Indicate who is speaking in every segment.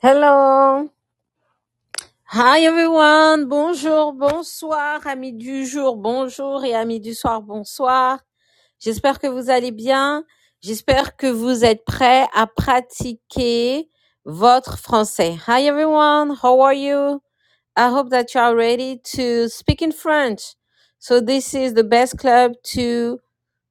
Speaker 1: Hello. Hi everyone. Bonjour, bonsoir, amis du jour, bonjour et amis du soir, bonsoir. J'espère que vous allez bien. J'espère que vous êtes prêts à pratiquer votre français. Hi everyone. How are you? I hope that you are ready to speak in French. So this is the best club to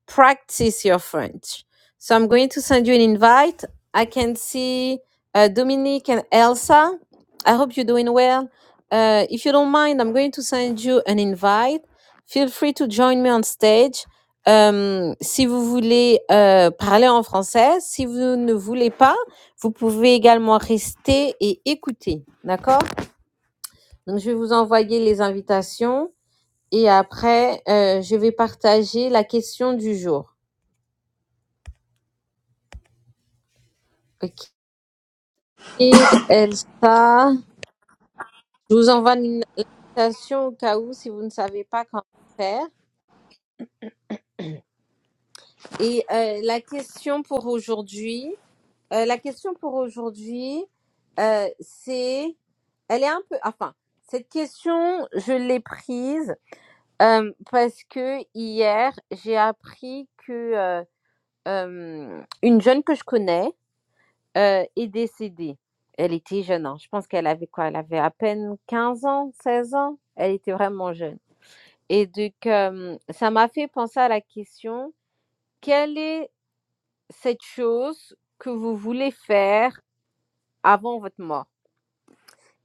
Speaker 1: practice your French. So I'm going to send you an invite. I can see uh, Dominique and Elsa. I hope you're doing well. Uh, if you don't mind, I'm going to send you an invite. Feel free to join me on stage. Um, si vous voulez euh, parler en français, si vous ne voulez pas, vous pouvez également rester et écouter. D'accord Donc, je vais vous envoyer les invitations et après, euh, je vais partager la question du jour. OK Rachid, Elsa, je vous envoie une invitation au cas où si vous ne savez pas comment faire. Et euh, la question pour aujourd'hui, euh, la question pour aujourd'hui, euh, c'est, elle est un peu, enfin, cette question, je l'ai prise euh, parce que hier, j'ai appris que euh, euh, une jeune que je connais euh, est décédée. Elle était jeune, hein. je pense qu'elle avait quoi Elle avait à peine 15 ans, 16 ans. Elle était vraiment jeune. Et donc, hem, ça m'a fait penser à la question: quelle est cette chose que vous voulez faire avant votre mort?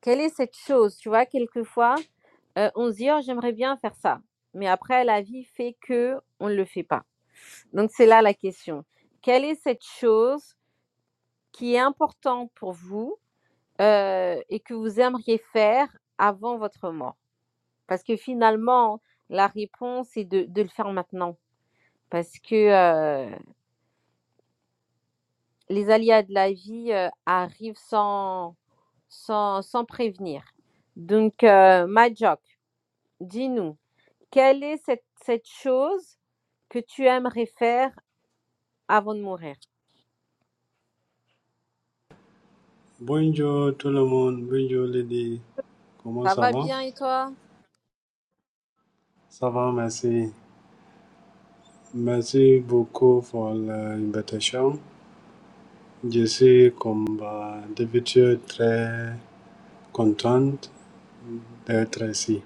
Speaker 1: Quelle est cette chose? Tu vois, quelquefois, heu, on se dit: «Oh, j'aimerais bien faire ça», mais après la vie fait que qu'on le fait pas. Donc c'est là la question. Quelle est cette chose qui est importante pour vous, heu, et que vous aimeriez faire avant votre mort? Parce que finalement, la réponse est de de le faire maintenant parce que, heu les aléas de la vie euh, arrivent sans, sans, sans prévenir. Donc, euh, Majok, dis-nous, quelle est cette, cette chose que tu aimerais faire avant de mourir?
Speaker 2: Bonjour tout le monde, bonjour Lady, comment
Speaker 1: Ça
Speaker 2: ça
Speaker 1: va
Speaker 2: va?
Speaker 1: bien et toi?
Speaker 2: Ça va, merci. Merci beaucoup pour l'invitation. Je suis comme euh, d'habitude très contente d'être ici.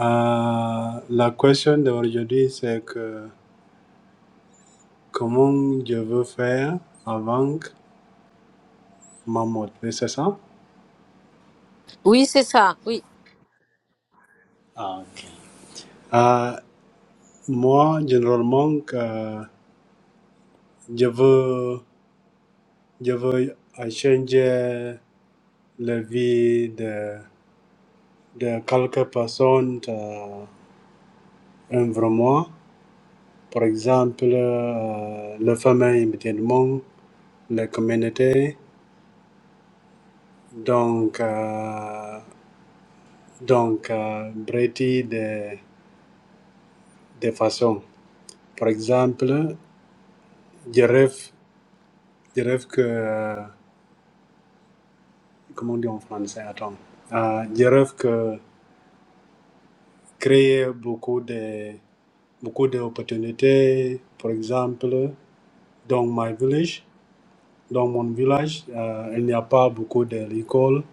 Speaker 2: Euh, la question d'aujourd'hui c'est que comment je veux faire avant ma mort, oui, c'est ça?
Speaker 1: Oui, c'est ça, oui.
Speaker 2: Euh, moi, généralement, euh, je veux, je veux changer la vie de, de quelques personnes euh, un vraiment. Par exemple, euh, la famille immédiatement, la communauté. Donc, euh, donc euh, Brady de, de façon. Par exemple, je rêve, je rêve que, euh, comment on dit en français, attends, Euh, je rêve que créer beaucoup de beaucoup d'opportunités, par exemple, dans my village. Dans mon village, euh, il n'y a pas beaucoup d'écoles.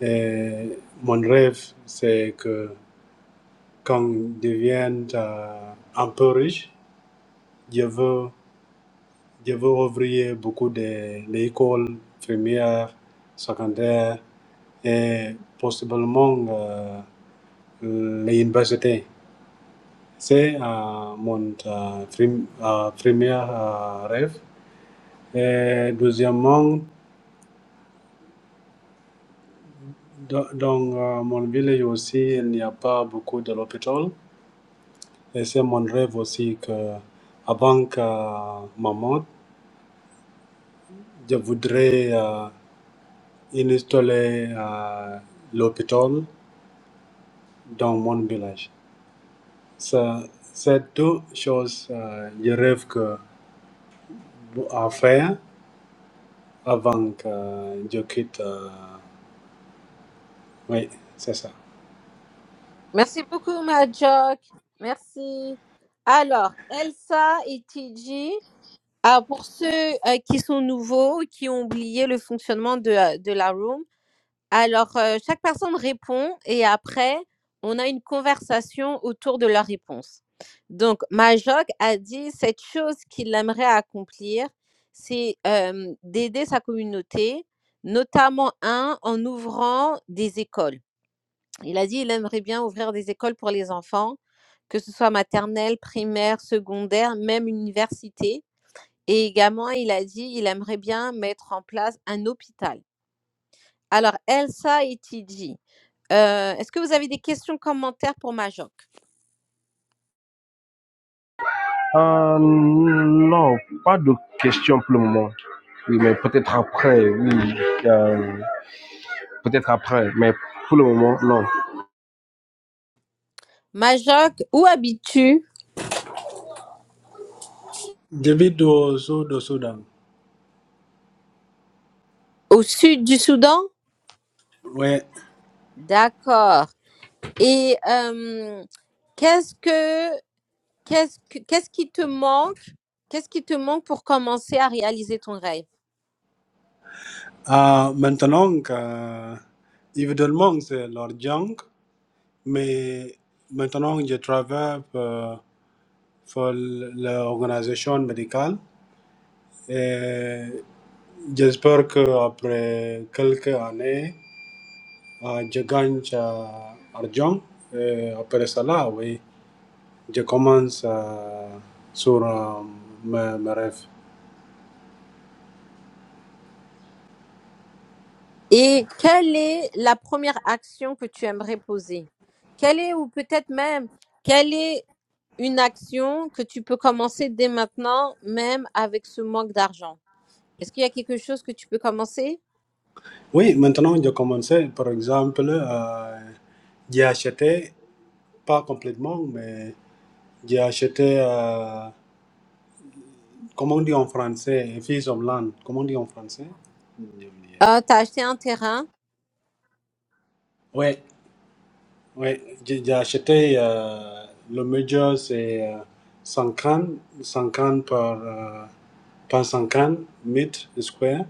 Speaker 2: Et mon rêve, c'est que quand je devienne euh, un peu riche, je veux, je veux ouvrir beaucoup d'écoles primaires, secondaires et possiblement euh, l'université. C'est euh, mon euh, prim- euh, premier euh, rêve. Et deuxièmement, Dans dans, euh, mon village aussi, il n'y a pas beaucoup de l'hôpital. Et c'est mon rêve aussi que, avant que euh, ma mort, je voudrais euh, installer euh, l'hôpital dans mon village. Ça- C'est deux choses euh, je rêve que, à faire avant que je quitte. euh, oui, c'est ça.
Speaker 1: Merci beaucoup, Majok. Merci. Alors, Elsa et TG, ah, pour ceux euh, qui sont nouveaux, qui ont oublié le fonctionnement de, euh, de la room, Alors, heu, chaque personne répond et après, on a une conversation autour de leur réponse. Donc Majok a dit cette chose qu'il aimerait accomplir, c'est, hem, d'aider sa communauté, notamment 1 en ouvrant des écoles. Il a dit: «Il aimerait bien ouvrir des écoles pour les enfants, que ce soit maternelle, primaire, secondaire, même université» et également il a dit: «Il aimerait bien mettre en place un hôpital». Alors Elsa Etidji euh, Est-ce que vous avez des questions, commentaires pour Majok
Speaker 3: Euh, non, pas de questions pour le moment. Oui, mais peut-être après, oui. euh, peut-être après, mais pour le moment, non.
Speaker 1: Majok, où habites-tu
Speaker 2: Je vis au sud du Soudan.
Speaker 1: Au sud du Soudan
Speaker 2: Oui,
Speaker 1: D'accord. Et euh, qu'est-ce que qu'est-ce que- qu'est-ce qui te manque Qu'est-ce qui te manque pour commencer à réaliser ton rêve
Speaker 2: Ah, maintenant, que, évidemment, c'est l'argent, mais maintenant, je travaille pour, pour l'organisation médicale et j'espère qu'après quelques années, ah, je gagne ah, argent. Et après cela, oui, je commence ah, sur ah, mes, mes rêves.
Speaker 1: Et quelle est la première action que tu aimerais poser? Quelle est, ou peut-être même, quelle est une action que tu peux commencer dès maintenant, même avec ce manque d'argent? Est-ce qu'il y a quelque chose que tu peux commencer?
Speaker 2: Oui, maintenant, je commence, par exemple, ah, j'ai acheté, pas complètement, mais J'ai acheté, euh, comment on dit en français, un fils of land. Comment on dit en français J'ai oublié.
Speaker 1: Euh, tu as acheté un terrain.
Speaker 2: Ouais, ouais. J'ai j'ai acheté euh, le major, c'est euh, 50, 50 par, euh, par 50 mètres square.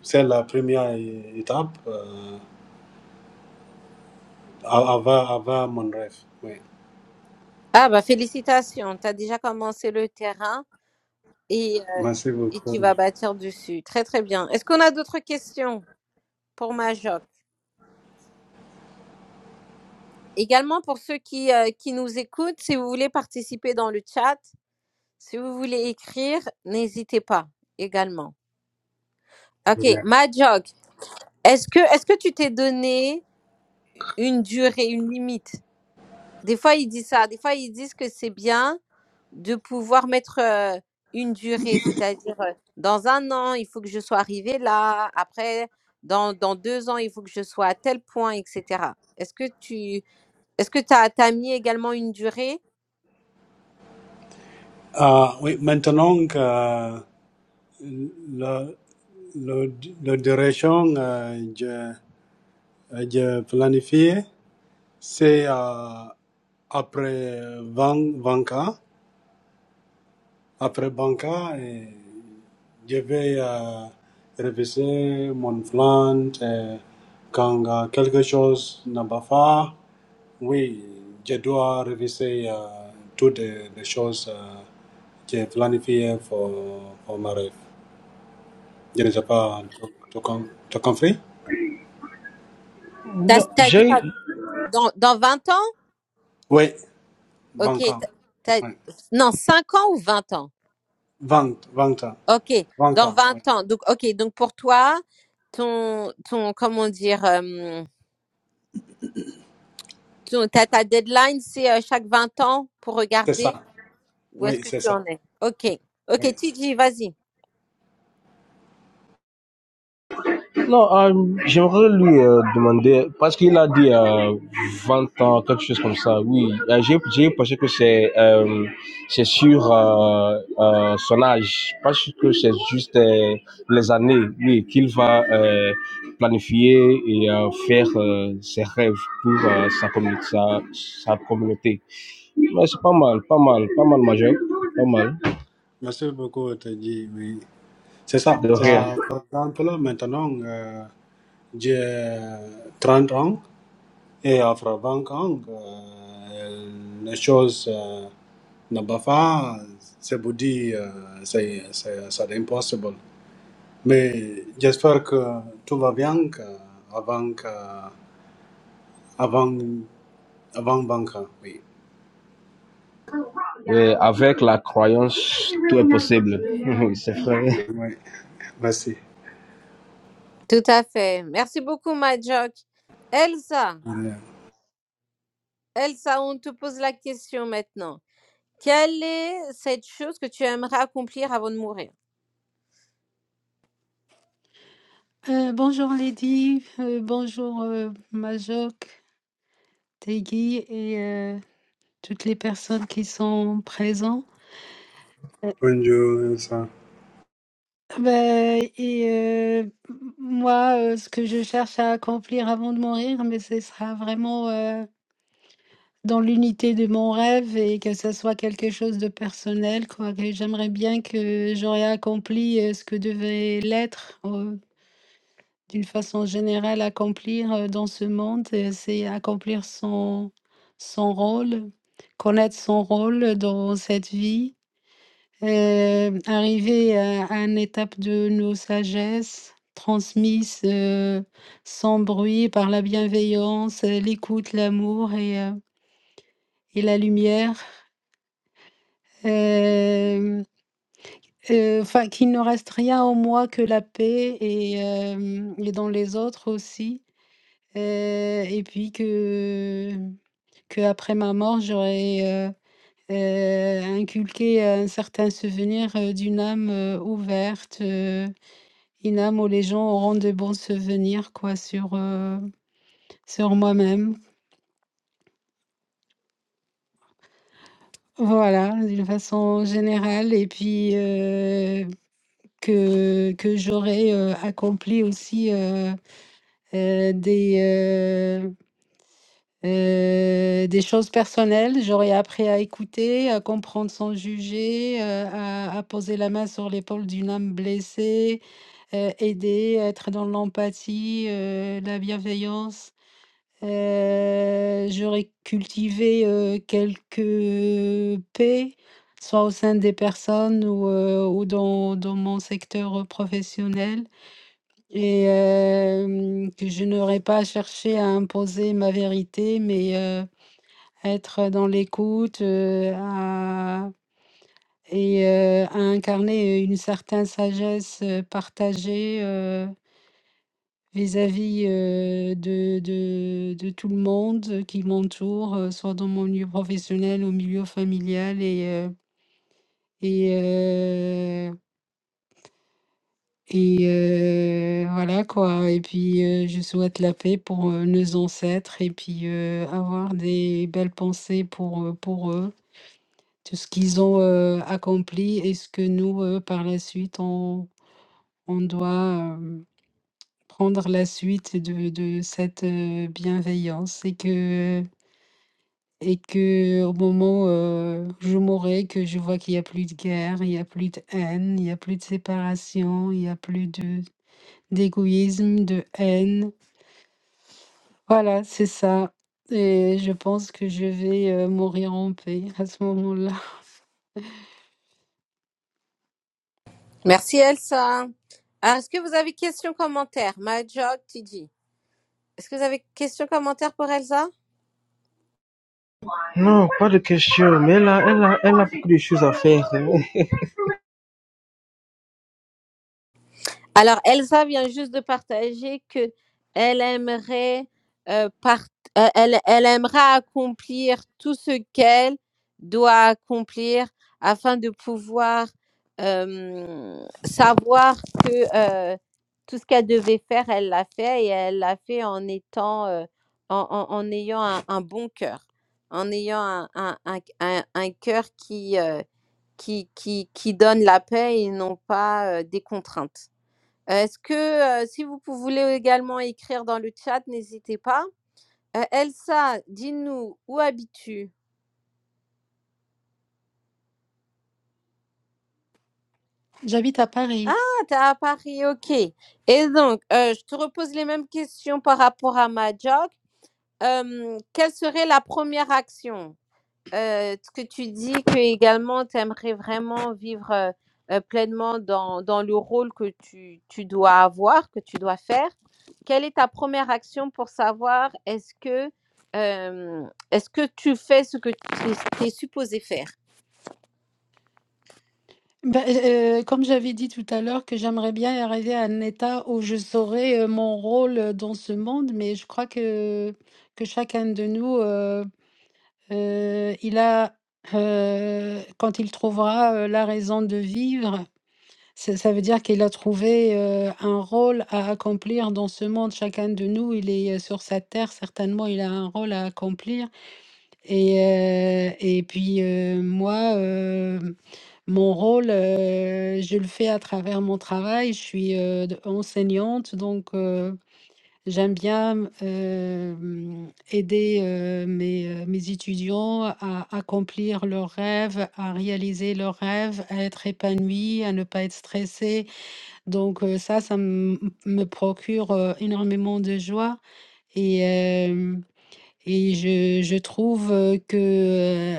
Speaker 2: C'est la première é- étape euh, av- avant, avant mon rêve. Ouais.
Speaker 1: Ah bah félicitations, tu as déjà commencé le terrain et, euh,
Speaker 2: Merci
Speaker 1: et
Speaker 2: beaucoup.
Speaker 1: tu vas bâtir dessus. Très très bien. Est-ce qu'on a d'autres questions pour Majok? Également pour ceux qui, euh, qui nous écoutent, si vous voulez participer dans le chat, si vous voulez écrire, n'hésitez pas également. Ok,
Speaker 2: Ouais.
Speaker 1: Majok, est-ce que, est-ce que tu t'es donné une durée, une limite? Des fois, ils disent ça. Des fois, ils disent que c'est bien de pouvoir mettre euh, une durée, c'est-à-dire euh, dans un an, il faut que je sois arrivé là. Après, dans, dans deux ans, il faut que je sois à tel point, etc. Est-ce que tu est-ce que tu as, mis également une durée
Speaker 2: Ah, oui, maintenant que euh, le, le, le direction, euh, J'ai planifié, c'est euh, après Van- Vanka. Après Banca, euh, je vais euh, réviser mon plan. euh, Quand euh, quelque chose ne va pas, fait, oui, je dois réviser euh, toutes les les choses euh, que j'ai planifiées pour, pour ma rêve. Je ne sais pas, tu tu com- tu compris?
Speaker 1: T'as
Speaker 3: Non,
Speaker 1: t'as dit
Speaker 3: j'ai
Speaker 1: quoi dans, dans vingt ans
Speaker 2: Oui,
Speaker 1: Ok.
Speaker 2: Banca.
Speaker 1: t'as- t'as-
Speaker 2: Oui.
Speaker 1: non, 5 ans ou 20 ans
Speaker 2: Vente, vente,
Speaker 1: Ok. Dans
Speaker 2: Vanka, oui.
Speaker 1: 20 ans. Donc, ok. Donc, pour toi, ton, ton comment dire Tu as ta deadline, c'est euh, chaque 20 ans pour
Speaker 2: C'est ça.
Speaker 1: regarder où est-ce
Speaker 2: Oui,
Speaker 1: que
Speaker 2: c'est
Speaker 1: tu
Speaker 2: ça.
Speaker 1: en es. Ok. Ok,
Speaker 2: Oui. c'est-
Speaker 1: TJ, vas-y.
Speaker 3: Non, euh, j'aimerais lui euh, demander, parce qu'il a dit euh, 20 ans, quelque chose comme ça, oui. Euh, j'ai, j'ai pensé que c'est, euh, c'est sur euh, euh, son âge, parce que c'est juste euh, les années, oui, qu'il va euh, planifier et euh, faire euh, ses rêves pour euh, sa, communauté, sa, sa communauté. Mais c'est pas mal, pas mal, pas mal majeur, pas mal,
Speaker 2: Merci beaucoup, Tadji. Oui. C'est ça.
Speaker 3: de C'est ça. rien.
Speaker 2: Bah, par exemple, maintenant, euh, j'ai 30 ans et après 20 ans, euh, les choses euh, ne va pas. C'est vous dire, euh, c'est c'est- c'est impossible. Mais j'espère que tout va bien que- avant, que- avant, avant 20 ans. Oui.
Speaker 3: Et avec la croyance, tout est possible. Oui, c'est vrai.
Speaker 2: Oui. Merci.
Speaker 1: Tout à fait. Merci beaucoup, Majok. Elsa,
Speaker 2: Ouais.
Speaker 1: Elsa, on te pose la question maintenant. Quelle est cette chose que tu aimerais accomplir avant de mourir?
Speaker 4: Euh, bonjour Lady, euh, bonjour euh, Majok, Tegui et euh, toutes les personnes qui sont présentes. Euh,
Speaker 2: Bonjour, ça.
Speaker 4: ben, et euh, m- moi, euh, ce que je cherche à accomplir avant de mourir, mais ce sera vraiment euh, dans l'unité de mon rêve et que ce soit quelque chose de personnel, quoi. Que j'aimerais bien que j'aurais accompli euh, ce que devait l'être. euh, D'une façon générale, accomplir, heu, dans ce monde, heu, c'est accomplir son son rôle, connaître son rôle dans cette vie, hem, arriver à à une étape de nos sagesses transmises, heu, sans bruit par la bienveillance, heu, l'écoute, l'amour et heu et la lumière. Hem, heu, enfin qu'il ne reste rien en moi que la paix et hem et dans les autres aussi. Heu et puis que que après ma mort, j'aurais, heu heu, inculqué un certain souvenir, heu, d'une âme, heu, ouverte, heu, une âme où les gens auront de bons souvenirs, quoi, sur, heu, sur moi-même. Voilà, d'une façon générale et puis, heu, que que j'aurais, heu, accompli aussi, heu heu, des, euh, Heu, des choses personnelles, j'aurais appris à écouter, à comprendre sans juger, heu, à à poser la main sur l'épaule d'une âme blessée, heu, aider, être dans l'empathie, heu, la bienveillance. Heu, j'aurais cultivé, heu, quelques paix, soit au sein des personnes ou, heu, ou dans dans mon secteur, professionnel et hem, que je n'aurais pas cherché à imposer ma vérité mais, heu, être dans l'écoute euh, à- et euh, à incarner une certaine sagesse euh, partagée euh, vis-à-vis euh, de, de, de tout le monde qui m'entoure, euh, soit dans mon milieu professionnel, au milieu familial et, euh, et, euh, et euh, voilà quoi. Et puis euh, je souhaite la paix pour euh, nos ancêtres et puis euh, avoir des belles pensées pour, euh, pour eux Tout ce qu'ils ont, heu, accompli et ce que nous, heu, par la suite, on on doit, hem, prendre la suite de de cette, heu, bienveillance et que et que au moment, heu, où je mourrai, que je vois qu'il y a plus de guerre, il y a plus de haine, il y a plus de séparation, il y a plus de d'égoïsme, de haine. Voilà, c'est ça et je pense que je vais, heu, mourir en paix à ce moment-là.
Speaker 1: Merci Elsa. Ah, Est-ce que vous avez questions, commentaires? My job, TD. Est-ce que vous avez questions, commentaires pour Elsa?
Speaker 3: Non, pas de question, mais elle a, elle a, elle a beaucoup de choses à faire.
Speaker 1: Alors, Elsa vient juste de partager que elle aimerait, euh, part- euh, elle, elle aimerait accomplir tout ce qu'elle doit accomplir afin de pouvoir euh, savoir que euh, tout ce qu'elle devait faire, elle l'a fait et elle l'a fait en étant, euh, en, en- en ayant un, un bon cœur, en ayant un, un, un- un- un cœur qui, euh, qui, qui, qui donne la paix et non pas euh, des contraintes. Heu, est-ce que, heu, si vous pou voulez également écrire dans le chat, n'hésitez pas. Heu, Elsa, dis-nous où habites-tu?
Speaker 4: J'habite à
Speaker 1: Ah,
Speaker 4: Paris.
Speaker 1: t'es à Paris, OK et donc, heu, je te repose les mêmes questions par rapport à Mahjong. Hem, quelle serait la première action? euh, ce que tu dis que également tu aimerais vraiment vivre euh, euh, pleinement dans, dans le rôle que tu, tu dois avoir, que tu dois faire. Quelle est ta première action pour savoir est-ce que, euh, est-ce que tu fais ce que tu es, supposé faire
Speaker 4: Ben, euh, euh, comme j'avais dit tout à l'heure que j'aimerais bien arriver à un état où je saurais euh, mon rôle euh, dans ce monde, mais je crois que, que chacun de nous, euh, euh, il a, euh, quand il trouvera euh, la raison de vivre, ça, ça veut dire qu'il a trouvé euh, un rôle à accomplir dans ce monde. Chacun de nous, il est euh, sur sa terre, certainement, il a un rôle à accomplir. Et, euh, et puis, euh, moi... euh, mon rôle, heu, je le fais à travers mon travail. Je suis, heu, d enseignante, donc heu, j'aime bien m hem, aider, heu, mes, heu, mes étudiants à accomplir leurs rêves, à réaliser leurs rêves, à être épanouis, à ne pas être stressés. Donc heu, ça, ça m me procure, heu, énormément de joie et hem et je je trouve, heu, que, heu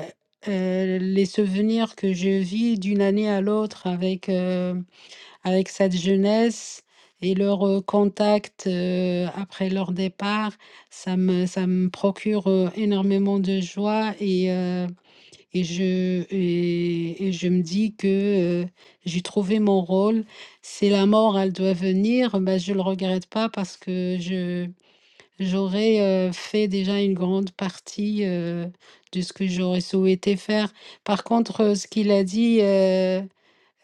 Speaker 4: les souvenirs que je vis d'une année à l'autre avec, heu, avec cette jeunesse et leur, heu, contact, heu, après leur départ, ça me ça me procure, heu, énormément de joie et heu et je et et je me dis que, heu, j'ai trouvé mon rôle. Si la mort, elle doit venir, bah, je ne le regrette pas parce que je J'aurais, heu, fait déjà une grande partie, heu, de ce que j'aurais souhaité faire. Par contre, heu, ce qu'il a dit, heu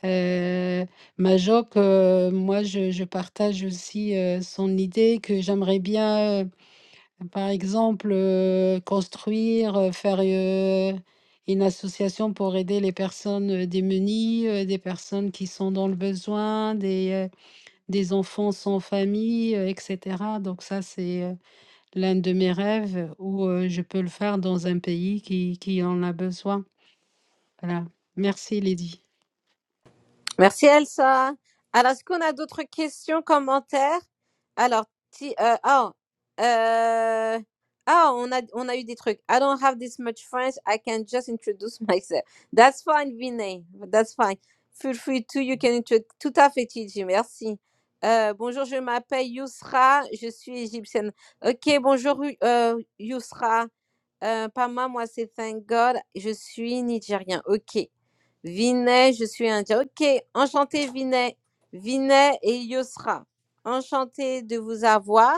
Speaker 4: heu, Majok, heu, moi je je partage aussi, heu, son idée que j'aimerais bien, heu, par exemple, heu, construire, heu, faire, heu, une association pour aider les personnes, heu, démunies, heu, des personnes qui sont dans le besoin, des, heu, des enfants sans famille, heu, et cetera. Donc ça, c'est, heu l'un de mes rêves où, heu, je peux le faire dans un pays qui qui en a besoin. Voilà. Merci Lydie.
Speaker 1: Merci Elsa. Alors, est-ce qu'on a d'autres questions, commentaires? Alors, ti- euh, ah, euh, ah, on a, on a eu des trucs. I don't have this much French. I can just introduce myself. That's fine, Vinay. That's fine. Feel free to, you can introduce. Tout à fait, Tiji. Merci. Euh, bonjour, je m'appelle Yousra. Je suis égyptienne. Ok, bonjour, euh, Yousra. Euh, Pama, moi c'est Thank God, je suis nigérien. Ok. Vinay, je suis indien. Ok, enchanté Vinay. Vinay et Yosra, enchanté de vous avoir.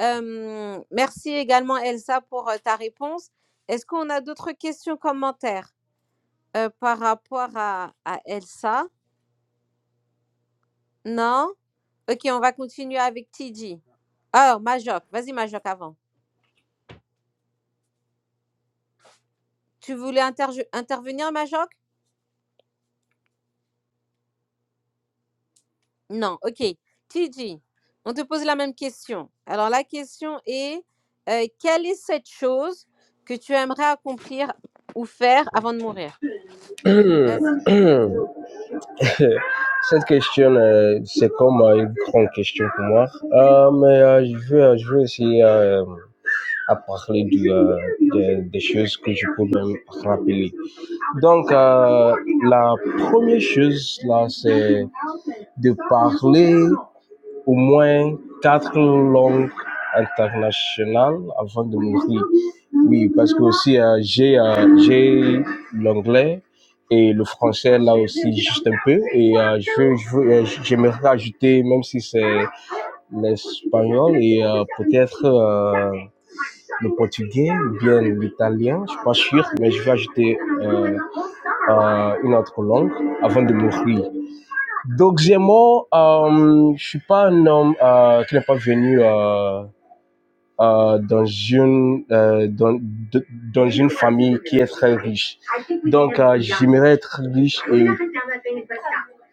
Speaker 1: Euh, merci également Elsa pour euh, ta réponse. Est-ce qu'on a d'autres questions, commentaires euh, par rapport à, à Elsa Non Ok, on va continuer avec TG. Ah, Majok, vas-y Majok avant. Tu voulais interje- intervenir, Majok Non, ok. Tiji, on te pose la même question. Alors la question est, euh, quelle est cette chose que tu aimerais accomplir ou faire avant de mourir? Vas-y.
Speaker 3: Cette question, euh, c'est comme euh, une grande question pour moi. Euh, mais euh, je veux, euh, je veux essayer euh, à parler du, euh, de- des choses que je peux même rappeler. Donc, euh, la première chose, là, c'est de parler Au moins quatre langues internationales avant de mourir. Oui, parce que aussi euh, j'ai euh, j'ai l'anglais et le français là aussi juste un peu et euh, je veux je veux euh, j'aimerais rajouter même si c'est l'espagnol et euh, peut-être euh, le portugais ou bien l'italien, je suis pas sûr, mais je vais ajouter euh, euh, une autre langue avant de mourir. Donc, gémeaux, euh, je suis pas un homme euh, qui n'est pas venu euh, euh, dans une euh, dans, de- dans une famille qui est très riche. Donc, euh, j'aimerais être riche et,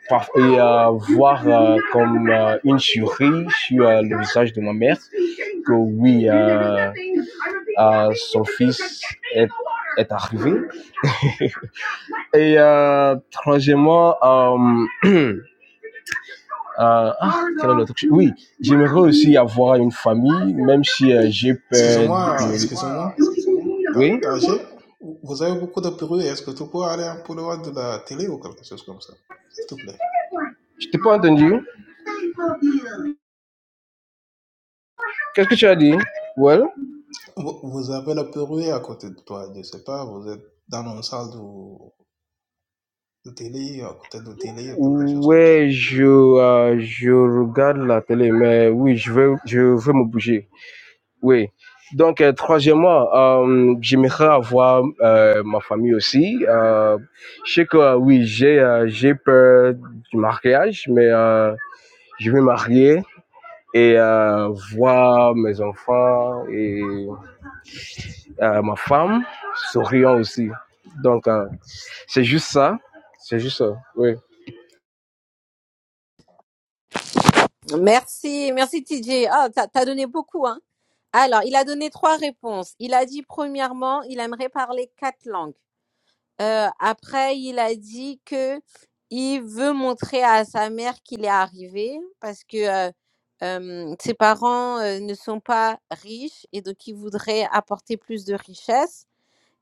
Speaker 3: par- et euh, voir euh, comme euh, une souris sur euh, le visage de ma mère que oui, euh, euh, son fils est, est arrivé. Et euh, troisièmement, euh, Euh, ah, quel est le truc Oui, j'aimerais aussi avoir une famille, même si euh, j'ai peur
Speaker 5: Excusez-moi,
Speaker 3: de...
Speaker 5: excusez-moi. Ta-
Speaker 3: Oui
Speaker 5: Tanger, vous avez beaucoup de bruit. Est-ce que tu peux aller un peu loin de la télé ou quelque chose comme ça? S'il te plaît.
Speaker 3: Je t'ai pas entendu. Qu'est-ce que tu as dit Well
Speaker 5: Vous vous avez la bruit à côté de toi. Je sais pas, vous êtes dans une salle de, de télé, à côté de télé ou quelque chose comme ça.
Speaker 3: Ouais, je, euh, je regarde la télé, mais oui, je veux, je veux me bouger. Oui. Donc, euh, troisièmement, euh, j'aimerais avoir euh, ma famille aussi. Euh, je sais que euh, oui, j'ai euh, j'ai peur du mariage, mais euh, je vais marier et euh, voir mes enfants et euh, ma femme souriant aussi. Donc, euh, c'est juste ça. C'est juste ça. Oui.
Speaker 1: Merci, merci TJ. Ah, t'as t'as donné beaucoup, hein. Alors, il a donné trois réponses. Il a dit, premièrement, il aimerait parler quatre langues. Euh, après, il a dit que il veut montrer à sa mère qu'il est arrivé parce que euh, euh, ses parents euh, ne sont pas riches et donc il voudrait apporter plus de richesse.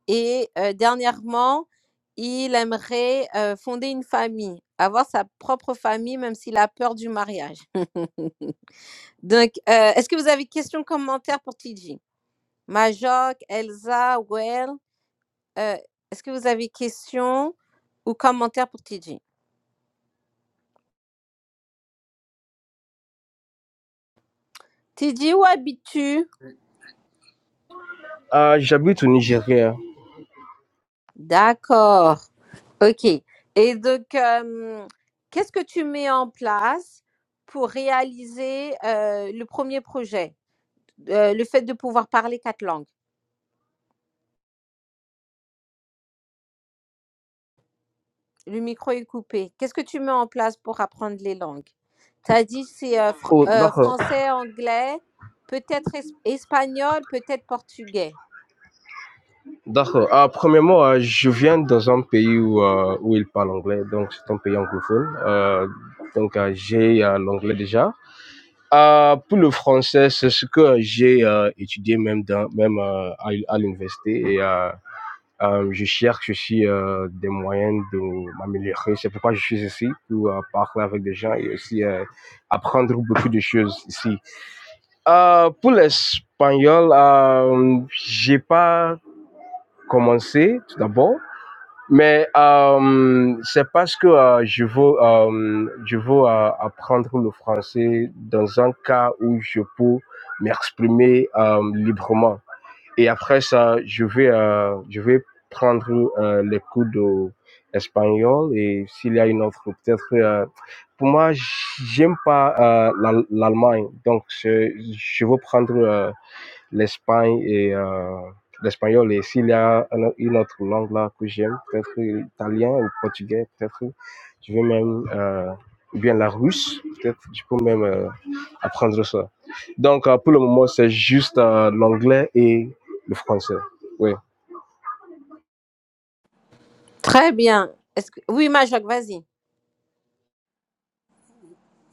Speaker 1: Et euh, dernièrement, il aimerait euh, fonder une famille, avoir sa propre famille, même s'il a peur du mariage. donc, euh, est-ce que vous avez questions, commentaires pour TJ Majok, Elsa, Well euh, Est-ce que vous avez question ou commentaire pour Tidji? Tidji où habites-tu?
Speaker 3: Euh, J'habite au Nigeria.
Speaker 1: D'accord. OK. Et donc, euh, qu'est-ce que tu mets en place pour réaliser euh, le premier projet? Euh, le fait de pouvoir parler quatre langues. Le micro est coupé. Qu'est-ce que tu mets en place pour apprendre les langues? Tu as dit c'est euh, fr-
Speaker 3: Oh,
Speaker 1: euh,
Speaker 3: d'accord.
Speaker 1: français, anglais, peut-être es- espagnol, peut-être portugais.
Speaker 3: D'accord. Ah, premièrement, euh, je viens dans un pays où, euh, où ils parlent anglais, donc c'est un pays anglophone. Euh, donc euh, j'ai euh, l'anglais déjà. Ah, pour le français, c'est ce que j'ai euh, étudié même dans, même euh, à, à l'université et euh, euh, je cherche aussi euh, des moyens de m'améliorer. C'est pourquoi je suis ici pour euh, parler avec des gens et aussi euh, apprendre beaucoup de choses ici. Euh, pour l'espagnol, euh, j'ai pas commencé tout d'abord. Mais euh, c'est parce que euh, je veux, euh, je veux euh, apprendre le français dans un cas où je peux m'exprimer euh, librement. Et après ça, je vais, euh, je vais prendre euh, les cours d'espagnol et s'il y a une autre, peut-être. euh, pour moi, j'aime pas euh, l'Al- l'Allemagne, donc je, je veux prendre euh, l'Espagne et euh, l'espagnol. Et s'il y a un- une autre langue là que j'aime, peut-être l'italien ou le portugais, peut-être je vais même, euh, ou bien la russe, peut-être je peux même euh, apprendre ça. Donc euh, pour le moment, c'est juste euh, l'anglais et le français. Oui.
Speaker 1: Très bien. Est-ce que... Oui, Majok, vas-y.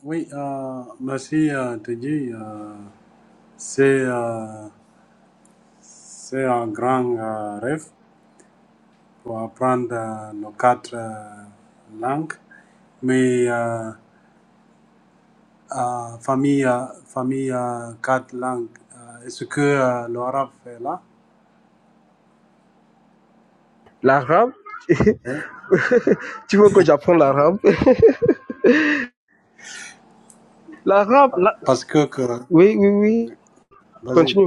Speaker 2: Oui, euh, merci euh, Teddy. Euh, c'est euh, c'est un grand euh, rêve pour apprendre euh, nos quatre euh, langues. Mais euh, euh, famille, euh, famille euh, quatre langues, euh, est-ce que euh, l'arabe est là?
Speaker 3: L'arabe,
Speaker 2: Oui.
Speaker 3: tu veux que j'apprenne l'arabe L'arabe, la-
Speaker 2: Parce que, que
Speaker 3: oui, oui, oui.
Speaker 2: vas-y.
Speaker 3: Continue.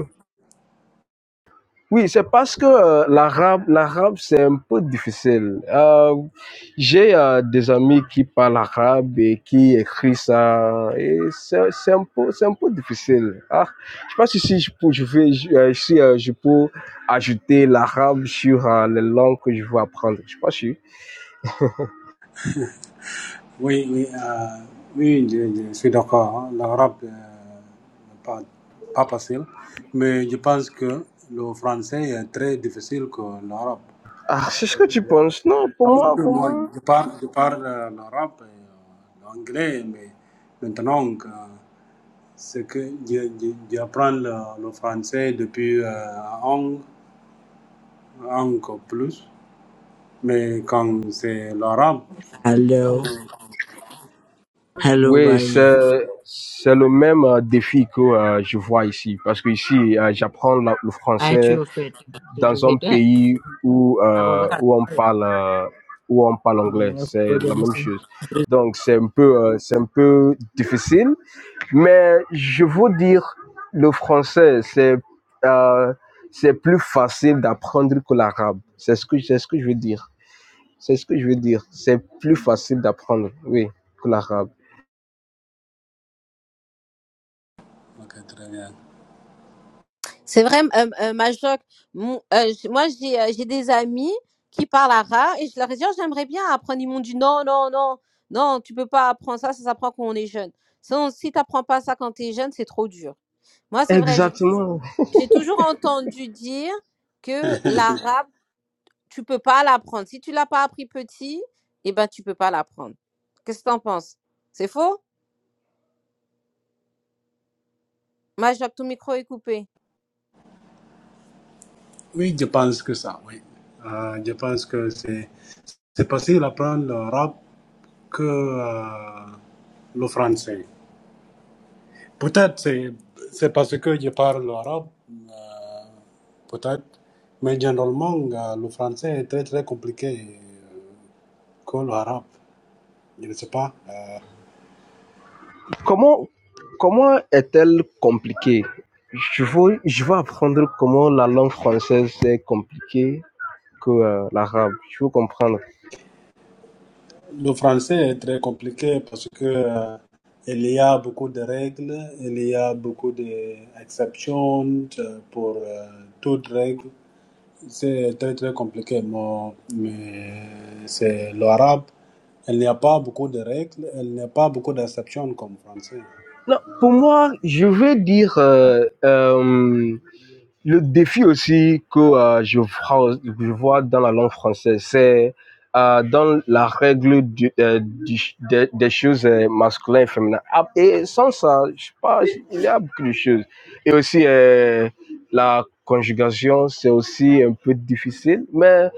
Speaker 3: Oui, c'est parce que euh, l'arabe, l'arabe, c'est un peu difficile. Euh, j'ai euh, des amis qui parlent arabe et qui écrivent ça, et c'est, c'est un peu, c'est un peu difficile. Ah, je sais pas si, si je peux, je vais, je- euh, si euh, je peux ajouter l'arabe sur euh, les langues que je veux apprendre. Je sais pas si.
Speaker 2: Oui, oui, euh, oui, je, je suis d'accord. hein. L'arabe euh, n'est pas, pas facile, mais je pense que le français est très difficile que l'arabe.
Speaker 3: Ah, c'est ce que tu penses. Non, pour
Speaker 2: Parce
Speaker 3: moi,
Speaker 2: que
Speaker 3: pour
Speaker 2: moi,
Speaker 3: moi.
Speaker 2: je parle, je parle euh, l'arabe et euh, l'anglais, mais maintenant, euh, c'est que je- je- j'apprends le, le français depuis euh, un an, encore plus. Mais quand c'est l'arabe, donc,
Speaker 6: Hello, hello,
Speaker 3: Oui,
Speaker 6: boy.
Speaker 3: c'est, c'est le même euh, défi que euh, je vois ici, parce que ici, euh, j'apprends la- le
Speaker 6: I
Speaker 3: français.
Speaker 6: choose fate. Choose
Speaker 3: dans un
Speaker 6: fate. I
Speaker 3: pays où,
Speaker 6: go
Speaker 3: euh,
Speaker 6: look at.
Speaker 3: où on parle euh, où on parle anglais,
Speaker 6: I
Speaker 3: c'est
Speaker 6: forget
Speaker 3: la même
Speaker 6: myself.
Speaker 3: chose. Donc c'est un peu euh, c'est un peu difficile, mais je veux dire le français c'est euh, c'est plus facile d'apprendre que l'arabe. C'est ce que c'est ce que je veux dire. C'est ce que je veux dire. C'est plus facile d'apprendre, oui, que l'arabe.
Speaker 2: ok, très bien.
Speaker 1: C'est vrai, euh, euh, Majoc, mon- euh, j- moi j'ai euh, j'ai des amis qui parlent arabe et je leur ai dit, Oh, j'aimerais bien apprendre. Ils m'ont dit, non, non, non, non, tu peux pas apprendre ça, ça s'apprend quand on est jeune. Sinon, si tu n'apprends pas ça quand tu es jeune, c'est trop dur. Moi, c'est vrai, j'ai tou-
Speaker 3: Exactement.
Speaker 1: j'ai toujours entendu dire que l'arabe, tu peux pas l'apprendre. Si tu l'as pas appris petit, eh ben, tu peux pas l'apprendre. Qu'est-ce que tu en penses? C'est faux? Majok, ton micro est coupé.
Speaker 2: Oui, je pense que ça, oui. Euh, je pense que c'est c'est facile d'apprendre le rap que euh, le français. Peut-être c'est c'est parce que je parle l'arabe, euh, peut-être, mais généralement euh, le français est très très compliqué euh, que l'arabe. Je ne sais pas. Euh,
Speaker 3: Comment, comment est-elle compliquée? Je veux, je veux apprendre comment la langue française est compliquée que euh, l'arabe. Je veux comprendre.
Speaker 2: le français est très compliqué parce que euh, il y a beaucoup de règles, il y a beaucoup d'exceptions euh, pour euh, toute règle. C'est très très compliqué, mon- mais c'est l'arabe. Elle n'y a pas beaucoup de règles, elle n'y a pas beaucoup d'exceptions comme français.
Speaker 3: Non, pour moi, je veux dire euh, euh, Le défi aussi que euh, je, vois, je vois dans la langue française, c'est euh, dans la règle du- euh, du- des, des choses euh, masculines et féminines. Ah, Et sans ça, je sais pas, il y a beaucoup de choses. Et aussi, euh, la conjugation, c'est aussi un peu difficile, mais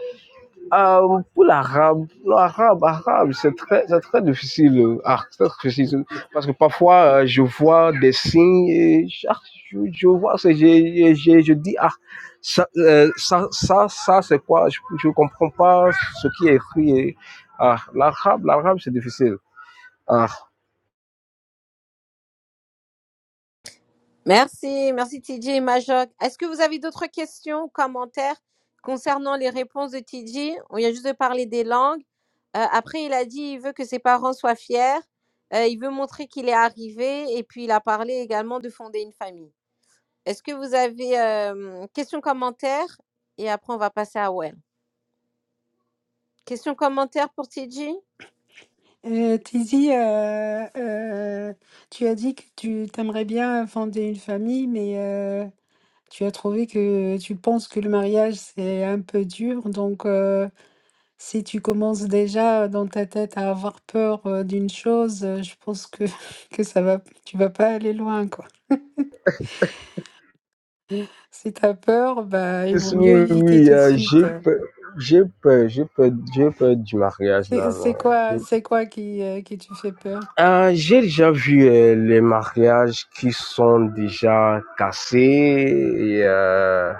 Speaker 3: euh, pour l'arabe, l'arabe, arabe, c'est très, c'est très difficile. Ah, c'est très difficile. Parce que parfois, euh, je vois des signes et je, ah, je, je vois, c'est- je, je, je, je dis, ah, ça, euh, ça, ça, ça, c'est quoi? Je, je comprends pas ce qui est écrit. Et, ah, l'arabe, l'arabe, c'est difficile. Ah.
Speaker 1: Merci, merci TJ et Majok. Est-ce que vous avez d'autres questions ou commentaires concernant les réponses de TJ On vient juste de parler des langues. Euh, après, il a dit il veut que ses parents soient fiers. Euh, il veut montrer qu'il est arrivé. Et puis, il a parlé également de fonder une famille. Est-ce que vous avez euh, questions, commentaires Et après, on va passer à Well. Question commentaire pour TJ
Speaker 4: Heu, Tizi, heu, heu, tu as dit que tu t'aimerais bien fonder une famille, mais heu, tu as trouvé que tu penses que le mariage, c'est un peu dur. Donc heu, si tu commences déjà dans ta tête à avoir peur, heu, d'une chose, heu, je pense que que ça va tu vas pas aller loin, quoi. Si tu peur, bah, il
Speaker 3: Oui,
Speaker 4: vaut mieux
Speaker 3: oui,
Speaker 4: éviter
Speaker 3: oui,
Speaker 4: tout de
Speaker 3: euh, j'ai
Speaker 4: suite.
Speaker 3: peur, j'ai peur, j'ai peur, j'ai peur du mariage
Speaker 4: C'est
Speaker 3: là. là.
Speaker 4: c'est
Speaker 3: J'ai
Speaker 4: quoi, c'est quoi qui, euh, qui te fait peur?
Speaker 3: Ah, j'ai déjà vu euh, les mariages qui sont déjà cassés et, euh,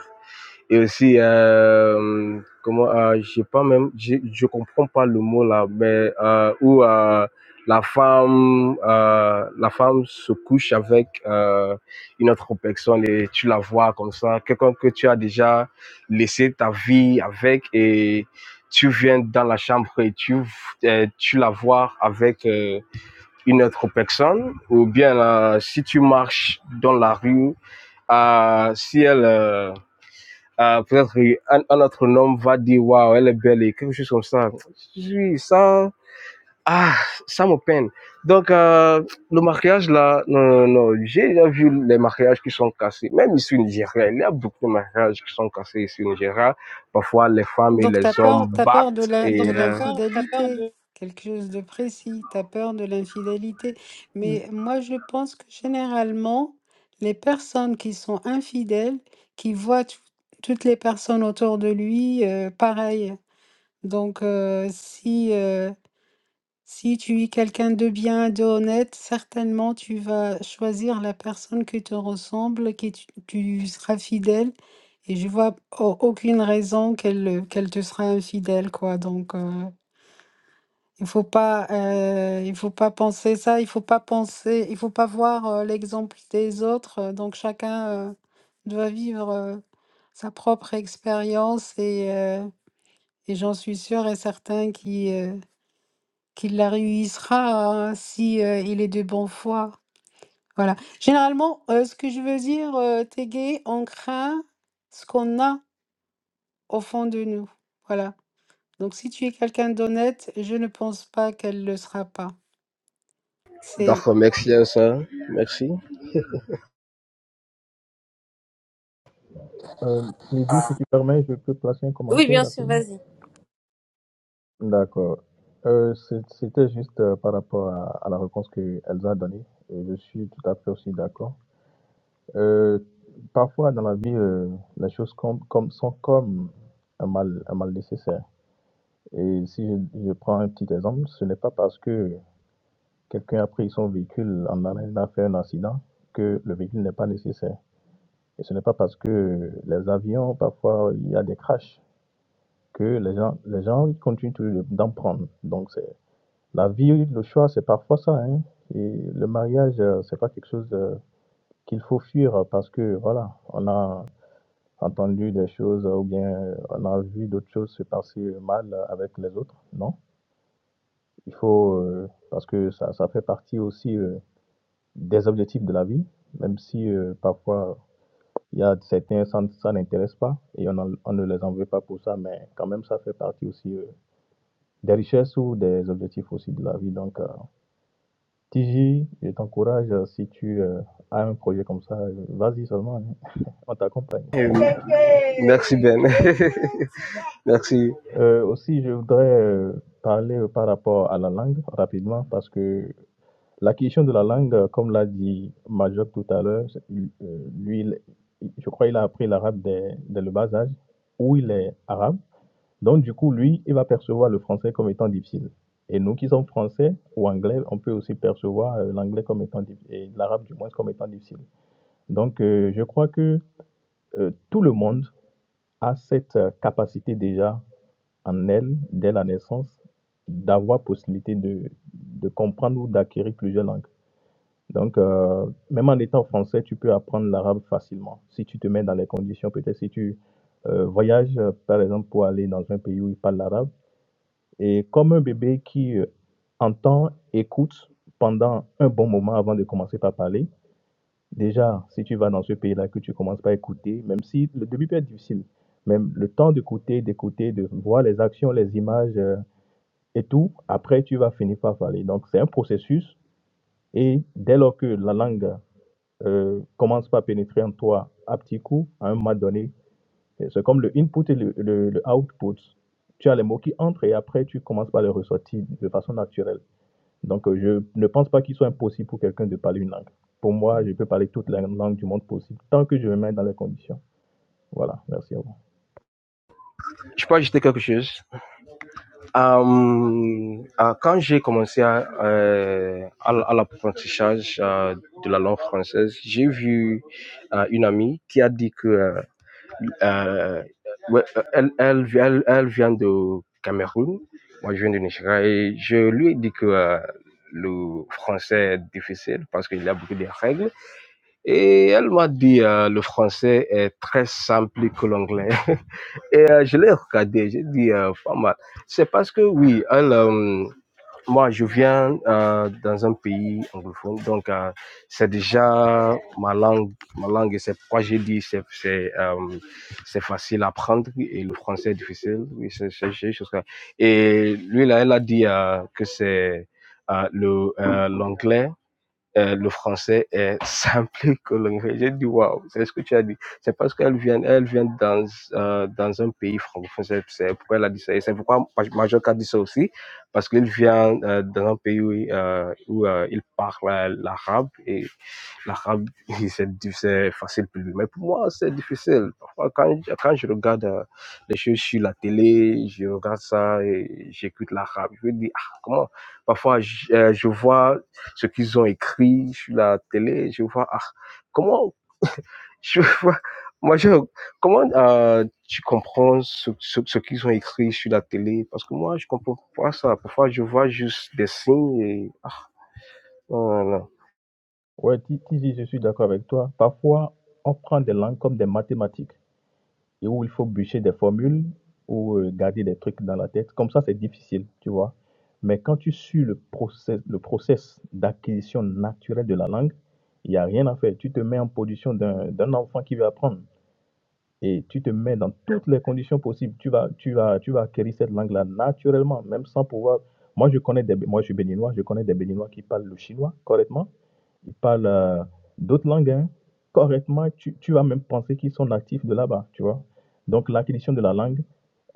Speaker 3: et aussi euh, comment euh, j'ai pas même j'ai- je comprends pas le mot là mais euh, où euh, la femme euh, la femme se couche avec euh, une autre personne et tu la vois comme ça quelqu'un que tu as déjà laissé ta vie avec et tu viens dans la chambre et tu euh, tu la vois avec euh, une autre personne, ou bien euh, si tu marches dans la rue, euh, si elle, euh, euh, peut-être un, un autre homme va dire waouh, elle est belle et quelque chose comme ça. Oui, ça, ah, ça me peine. Donc, euh, le mariage là, non, non, non, j'ai déjà vu les mariages qui sont cassés, même ici au Nigeria. Il y a beaucoup de mariages qui sont cassés ici au Nigeria. Parfois, les femmes et
Speaker 4: Donc,
Speaker 3: les
Speaker 4: t'as peur,
Speaker 3: hommes
Speaker 4: t'as peur de
Speaker 3: battent.
Speaker 4: la,
Speaker 3: Et, Donc,
Speaker 4: de
Speaker 3: euh,
Speaker 4: l'infidélité, quelque chose de précis, t'as peur de l'infidélité. Mais moi, je pense que généralement, les personnes qui sont infidèles, qui voient tout- toutes les personnes autour de lui, euh, pareil. Donc, euh, si, euh, Si tu es quelqu'un de bien, de honnête, certainement tu vas choisir la personne qui te ressemble, qui tu, tu seras fidèle. Et je vois au- aucune raison qu'elle euh, qu'elle te sera infidèle, quoi. Donc euh, il faut pas euh, il faut pas penser ça, il faut pas penser, il faut pas voir euh, l'exemple des autres. euh, donc chacun euh, doit vivre euh, sa propre expérience et euh, et j'en suis sûre et certain qu'il la réunissera hein, si euh, il est de bonne foi. Voilà. Généralement, euh, ce que je veux dire, euh, Tégué, on craint ce qu'on a au fond de nous. Voilà. Donc, si tu es quelqu'un d'honnête, je ne pense pas qu'elle le sera pas. C'est
Speaker 3: D'accord, merci, hein, ça. Merci.
Speaker 7: Euh, Lydie, si tu permets, je peux placer un
Speaker 1: Oui,
Speaker 7: commentaire
Speaker 1: bien sûr,
Speaker 7: rapidement.
Speaker 1: vas-y.
Speaker 7: D'accord. Euh, c'est- C'était juste euh, par rapport à, à la réponse que Elsa a donnée. Et je suis tout à fait aussi d'accord. Euh, parfois, dans la vie, euh, les choses com- comme, sont comme un mal, un mal nécessaire. Et si je, je prends un petit exemple, ce n'est pas parce que quelqu'un a pris son véhicule en allant a fait un accident que le véhicule n'est pas nécessaire. Et ce n'est pas parce que les avions, parfois, il y a des crashs que les gens, les gens continuent toujours de- d'en prendre. Donc, c'est la vie, le choix, c'est parfois ça. hein. Et le mariage, euh, c'est pas quelque chose euh, qu'il faut fuir euh, parce que, voilà, on a entendu des choses euh, ou bien euh, on a vu d'autres choses se passer euh, mal euh, avec les autres. Non, il faut, euh, parce que ça, ça fait partie aussi euh, des objectifs de la vie, même si euh, parfois il y a certains, ça, ça n'intéresse pas et on, en- on ne les en veut pas pour ça, mais quand même, ça fait partie aussi. euh, des richesses ou des objectifs aussi de la vie. Donc, euh, TJ, je t'encourage, euh, si tu euh, as un projet comme ça, euh, vas-y seulement, hein, on t'accompagne.
Speaker 3: Merci Ben. Merci.
Speaker 7: Euh, aussi, je voudrais euh, parler euh, par rapport à la langue rapidement, parce que la question de la langue, euh, comme l'a dit Majok tout à l'heure, c'est- il- euh, lui, il- il- je crois qu'il a appris l'arabe dès, dès le bas âge, ou il est arabe. Donc, du coup, lui, il va percevoir le français comme étant difficile. Et nous qui sommes français ou anglais, on peut aussi percevoir euh, l'anglais comme étant difficile, et l'arabe du moins comme étant difficile. Donc, euh, je crois que euh, tout le monde a cette euh, capacité déjà en elle, dès la naissance, d'avoir possibilité de, de comprendre ou d'acquérir plusieurs langues. Donc, euh, même en étant français, tu peux apprendre l'arabe facilement. Si tu te mets dans les conditions, peut-être si tu euh, voyages, euh, par exemple, pour aller dans un pays où ils parlent l'arabe, et comme un bébé qui euh, entend, écoute pendant un bon moment avant de commencer par parler, déjà, si tu vas dans ce pays-là, que tu commences par écouter, même si le début peut être difficile, même le temps d'écouter, d'écouter, de voir les actions, les images euh, et tout, après, tu vas finir par parler. Donc, c'est un processus. Et dès lors que la langue euh, commence par pénétrer en toi à petits coups, à un moment donné, euh, c'est comme le input et le, le le output. Tu as les mots qui entrent et après, tu commences par les ressortir de façon naturelle. Donc, euh, je ne pense pas qu'il soit impossible pour quelqu'un de parler une langue. Pour moi, je peux parler toutes les langues du monde possible, tant que je me mets dans les conditions. Voilà, merci à vous.
Speaker 3: Je peux ajouter quelque chose. Euh, euh, quand j'ai commencé à, euh, à, à l'apprentissage euh, de la langue française, j'ai vu euh, une amie qui a dit que euh, euh, ouais, euh, elle, elle, elle, elle vient de Cameroun, moi je viens de Nigeria et je lui ai dit que euh, le français est difficile parce qu'il y a beaucoup de règles. Et elle m'a dit, euh, le français est très simple que l'anglais. Et euh, je l'ai regardé, j'ai dit, euh, pas mal. C'est parce que oui, elle, euh, moi, je viens euh, dans un pays anglophone, donc euh, c'est déjà ma langue, ma langue, et c'est pourquoi j'ai dit, c'est c'est, euh, c'est facile à apprendre et le français est difficile. Oui, c'est c'est- c'est juste ça. Et lui, là, elle a dit euh, que c'est euh, le, euh, l'anglais euh, le français est simple que l'anglais. J'ai dit, waouh, c'est ce que tu as dit. C'est parce qu'elle vient, elle vient dans, euh, dans un pays francophone. C'est c'est pourquoi elle a dit ça. Et c'est pourquoi Maj- Majorque a dit ça aussi. Parce qu'il vient euh, dans un pays où, euh, où euh, il parle euh, l'arabe. Et l'arabe, c'est du- c'est facile pour lui. Mais pour moi, c'est difficile. Parfois, quand, je- quand je regarde euh, les choses sur la télé, je regarde ça et j'écoute l'arabe. Je me dis, ah, comment? Parfois, je, euh, je vois ce qu'ils ont écrit sur la télé. Je vois, ah, comment, je vois, moi, je, comment euh, tu comprends ce, ce, ce qu'ils ont écrit sur la télé Parce que moi, je comprends pas ça. Parfois, je vois juste des signes et ah, voilà.
Speaker 7: Ouais, Ti- Tizi, je suis d'accord avec toi. Parfois, on prend des langues comme des mathématiques, et où il faut bûcher des formules ou euh, garder des trucs dans la tête. Comme ça, c'est difficile, tu vois. Mais quand tu suis le process, le process d'acquisition naturelle de la langue, il n'y a rien à faire. Tu te mets en position d'un d'un enfant qui veut apprendre. et tu te mets dans toutes les conditions possibles. Tu vas, tu vas, tu vas acquérir cette langue-là naturellement, même sans pouvoir. Moi, je connais des, moi, je suis béninois, je connais des béninois qui parlent le chinois correctement. Ils parlent euh, d'autres langues hein, correctement. Tu, tu vas même penser qu'ils sont natifs de là-bas, tu vois. Donc, l'acquisition de la langue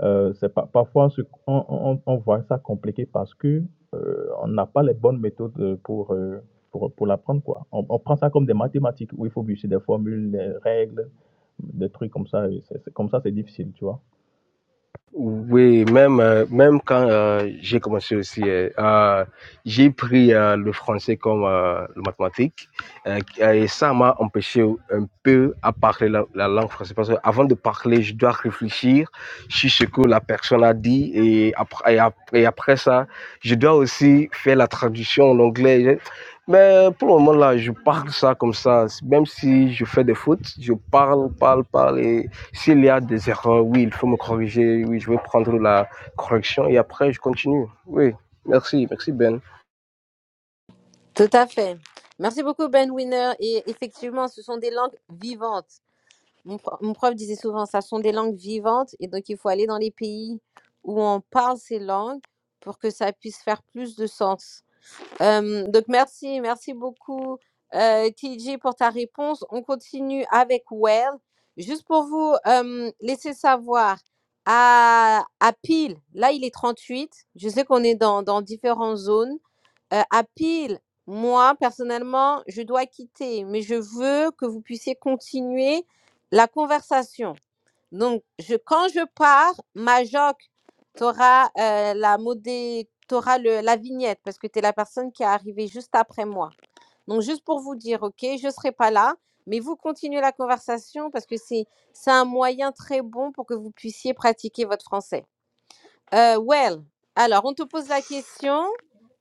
Speaker 7: euh, c'est pas, parfois, ce- on, on- on voit ça compliqué parce que euh, on n'a pas les bonnes méthodes euh, pour, euh, pour, pour l'apprendre, quoi. On, on prend ça comme des mathématiques où il faut bûcher des formules, des règles, des trucs comme ça. et c'est- c'est- comme ça, c'est difficile, tu vois.
Speaker 3: Oui, même, euh, même quand euh, j'ai commencé aussi, euh, euh, j'ai pris euh, le français comme euh, le mathématique euh, et ça m'a empêché un peu à parler la, la langue française parce que avant de parler, je dois réfléchir sur ce que la personne a dit et après, et après, et après ça, je dois aussi faire la traduction en anglais. Mais pour le moment là, je parle ça comme ça, même si je fais des fautes, je parle, parle, parle et s'il y a des erreurs, oui, il faut me corriger. Oui, je vais prendre la correction et après, je continue. Oui, merci, merci Ben.
Speaker 1: Tout à fait. Merci beaucoup, Ben Winner. Et effectivement, ce sont des langues vivantes. Mon, pro- mon prof disait souvent, ça sont des langues vivantes. Et donc, il faut aller dans les pays où on parle ces langues pour que ça puisse faire plus de sens. Euh, donc merci, merci beaucoup euh, TJ pour ta réponse. On continue avec Well. Juste pour vous euh, laisser savoir, à, à Peel, là il est 38. je sais qu'on est dans, dans différentes zones. Euh, à Peel, moi personnellement, je dois quitter, mais je veux que vous puissiez continuer la conversation. Donc, je, quand je pars, Majok tu auras, la, modé, t'auras le, la vignette parce que tu es la personne qui est arrivée juste après moi. Donc, juste pour vous dire, OK, je ne serai pas là, mais vous continuez la conversation parce que c'est, c'est un moyen très bon pour que vous puissiez pratiquer votre français. Euh, well, alors, on te pose la question.